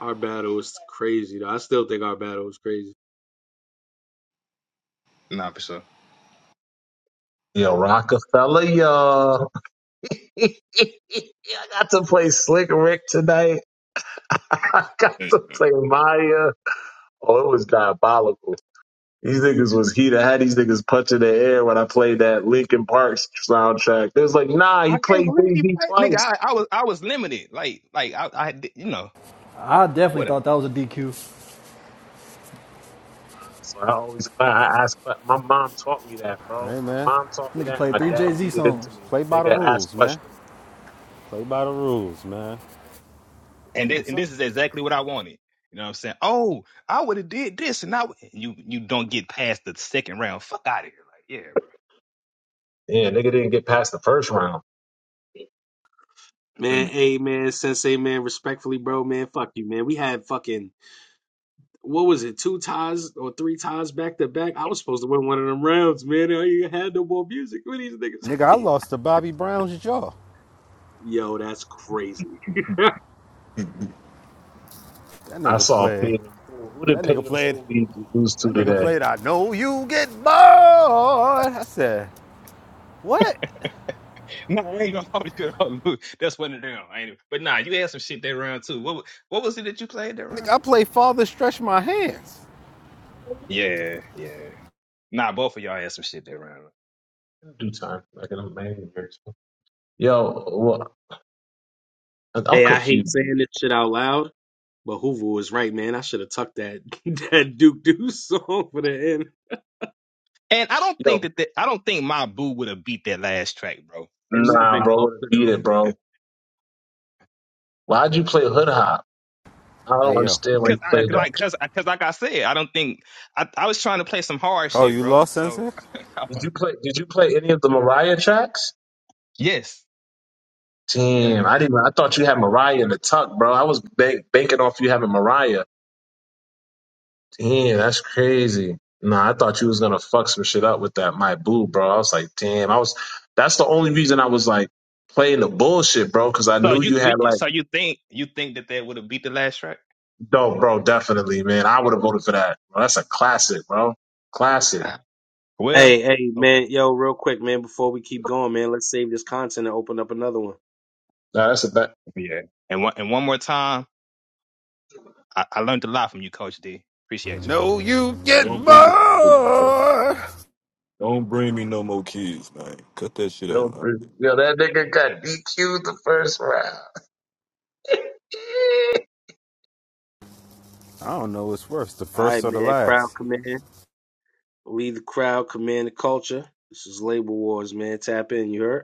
Speaker 5: our battle was crazy. Though I still think our battle was crazy,
Speaker 4: Nah, for sure.
Speaker 8: Yo, Rockefeller, y'all. *laughs* I got to play Slick Rick tonight. *laughs* I got
Speaker 2: There
Speaker 8: to
Speaker 2: you go.
Speaker 8: play Maya. Oh, it was diabolical. These niggas was heat. I had these niggas punching the air when I played that Linkin Park soundtrack. They was like, nah, he
Speaker 4: I can't
Speaker 8: played
Speaker 4: believe he
Speaker 8: Jay-Z
Speaker 4: played, nigga.
Speaker 8: twice.
Speaker 4: I, I was I was limited. Like like I I did- you know
Speaker 9: I definitely
Speaker 4: whatever.
Speaker 9: thought that was a DQ.
Speaker 8: So I always, cla- I ask, que- my mom taught me that, bro.
Speaker 10: Hey
Speaker 8: My
Speaker 10: man,
Speaker 8: mom taught me
Speaker 9: Nigga
Speaker 8: that, and
Speaker 9: played
Speaker 8: my
Speaker 9: three
Speaker 8: dad
Speaker 9: Jay Z
Speaker 8: beat it into
Speaker 9: songs.
Speaker 8: me.
Speaker 10: play by the
Speaker 8: Nigga asked
Speaker 10: rules, man.
Speaker 8: questions.
Speaker 10: Play by the rules, man.
Speaker 4: and
Speaker 10: Damn
Speaker 4: this, and
Speaker 10: son.
Speaker 4: this is exactly what I wanted. You know what I'm saying? Oh, I would have did this, and I would- and you you don't get past the second round. Fuck out of here, like yeah, bro. *laughs*
Speaker 8: Yeah, nigga didn't get past the first round.
Speaker 5: man.
Speaker 2: Then-
Speaker 5: Hey, man, Sensei, man, respectfully, bro, man, fuck you, man. We had fucking what was it, two ties or three ties back to back. I was supposed to win one of them rounds, man. I ain't had no more music with these
Speaker 10: Nigga, I
Speaker 5: niggas. *laughs*
Speaker 10: lost to Bobby Brown's jaw.
Speaker 5: Yo, that's crazy.
Speaker 2: *laughs*
Speaker 10: That
Speaker 8: I
Speaker 10: nigga
Speaker 8: saw
Speaker 10: played.
Speaker 8: Paid in Full. Who did
Speaker 10: That nigga
Speaker 8: Paid in
Speaker 10: played
Speaker 8: Full lead- lose to
Speaker 10: That nigga
Speaker 8: today?
Speaker 10: played I Know You Get Bored. I said, what?
Speaker 4: No, I ain't gonna hold you *laughs* up, Lou. That's one of them. I ain't, e-, but nah, you had some shit that round too. What wa- what was it that you played that
Speaker 10: Nigga,
Speaker 4: round?
Speaker 10: I play Father Stretch My Hands.
Speaker 4: Yeah, yeah. Nah, both of y'all had some shit that round.
Speaker 8: In due time. Like in a man or two. Yo, well, I'm
Speaker 5: Hey, I hate
Speaker 8: confused.
Speaker 5: saying this shit out loud, but Hoover was right, man. I should have tucked that *laughs* that Duke Deuce song for the end.
Speaker 4: And I don't think
Speaker 8: Yo,
Speaker 4: that, that I don't think my boo would have beat that last track, bro. I'm
Speaker 5: It would have
Speaker 4: sorry,
Speaker 8: nah,
Speaker 5: been
Speaker 8: bro, would
Speaker 5: closer
Speaker 8: beat it, bro. Why'd you play Hood Hop? I don't
Speaker 10: Hey, yo.
Speaker 8: understand why
Speaker 4: because
Speaker 8: you
Speaker 4: I
Speaker 8: played that.
Speaker 4: like because because like I said, I don't think I, I was trying to play some hard
Speaker 10: Oh,
Speaker 4: shit,
Speaker 10: you
Speaker 4: bro.
Speaker 10: lost,
Speaker 4: So
Speaker 10: Sensei?
Speaker 8: Did you play? Did you play any of the Mariah tracks?
Speaker 4: *laughs* yes, Yeah.
Speaker 8: Damn, I didn't. I thought you had Mariah in the tuck, bro. I was bank, banking off you having Mariah. Damn, that's crazy. Nah, I thought you was gonna fuck some shit up with that my boo, bro. I was like, damn, I was that's the only reason I was like playing the bullshit, bro, because I
Speaker 4: So
Speaker 8: knew
Speaker 4: you
Speaker 8: you had like
Speaker 4: so you think you think that that would have beat the last track?
Speaker 8: dope, bro, definitely, man. I would have voted for that. Bro, that's a classic, bro. Classic.
Speaker 4: *clears throat* Well,
Speaker 5: Hey, hey,
Speaker 4: okay,
Speaker 5: man, yo, real quick, man, before we keep going, man, let's save this content and open up another one.
Speaker 8: Nah, that's a bet.
Speaker 4: yeah. And one and one more time, I, I learned a lot from you, Coach D. Appreciate you.
Speaker 10: No, you get
Speaker 2: Don't
Speaker 10: bored.
Speaker 2: bring me.
Speaker 10: I
Speaker 2: Don't bring me no more kids, man. Cut that shit
Speaker 8: Yo,
Speaker 2: out.
Speaker 8: yo, that nigga got DQ would the first round.
Speaker 10: don't know what's worse, the
Speaker 5: All right,
Speaker 10: first or the
Speaker 5: man, crowd
Speaker 10: last.
Speaker 5: command, lead the crowd, command the culture. This is Label Wars, man. Tap in, you heard?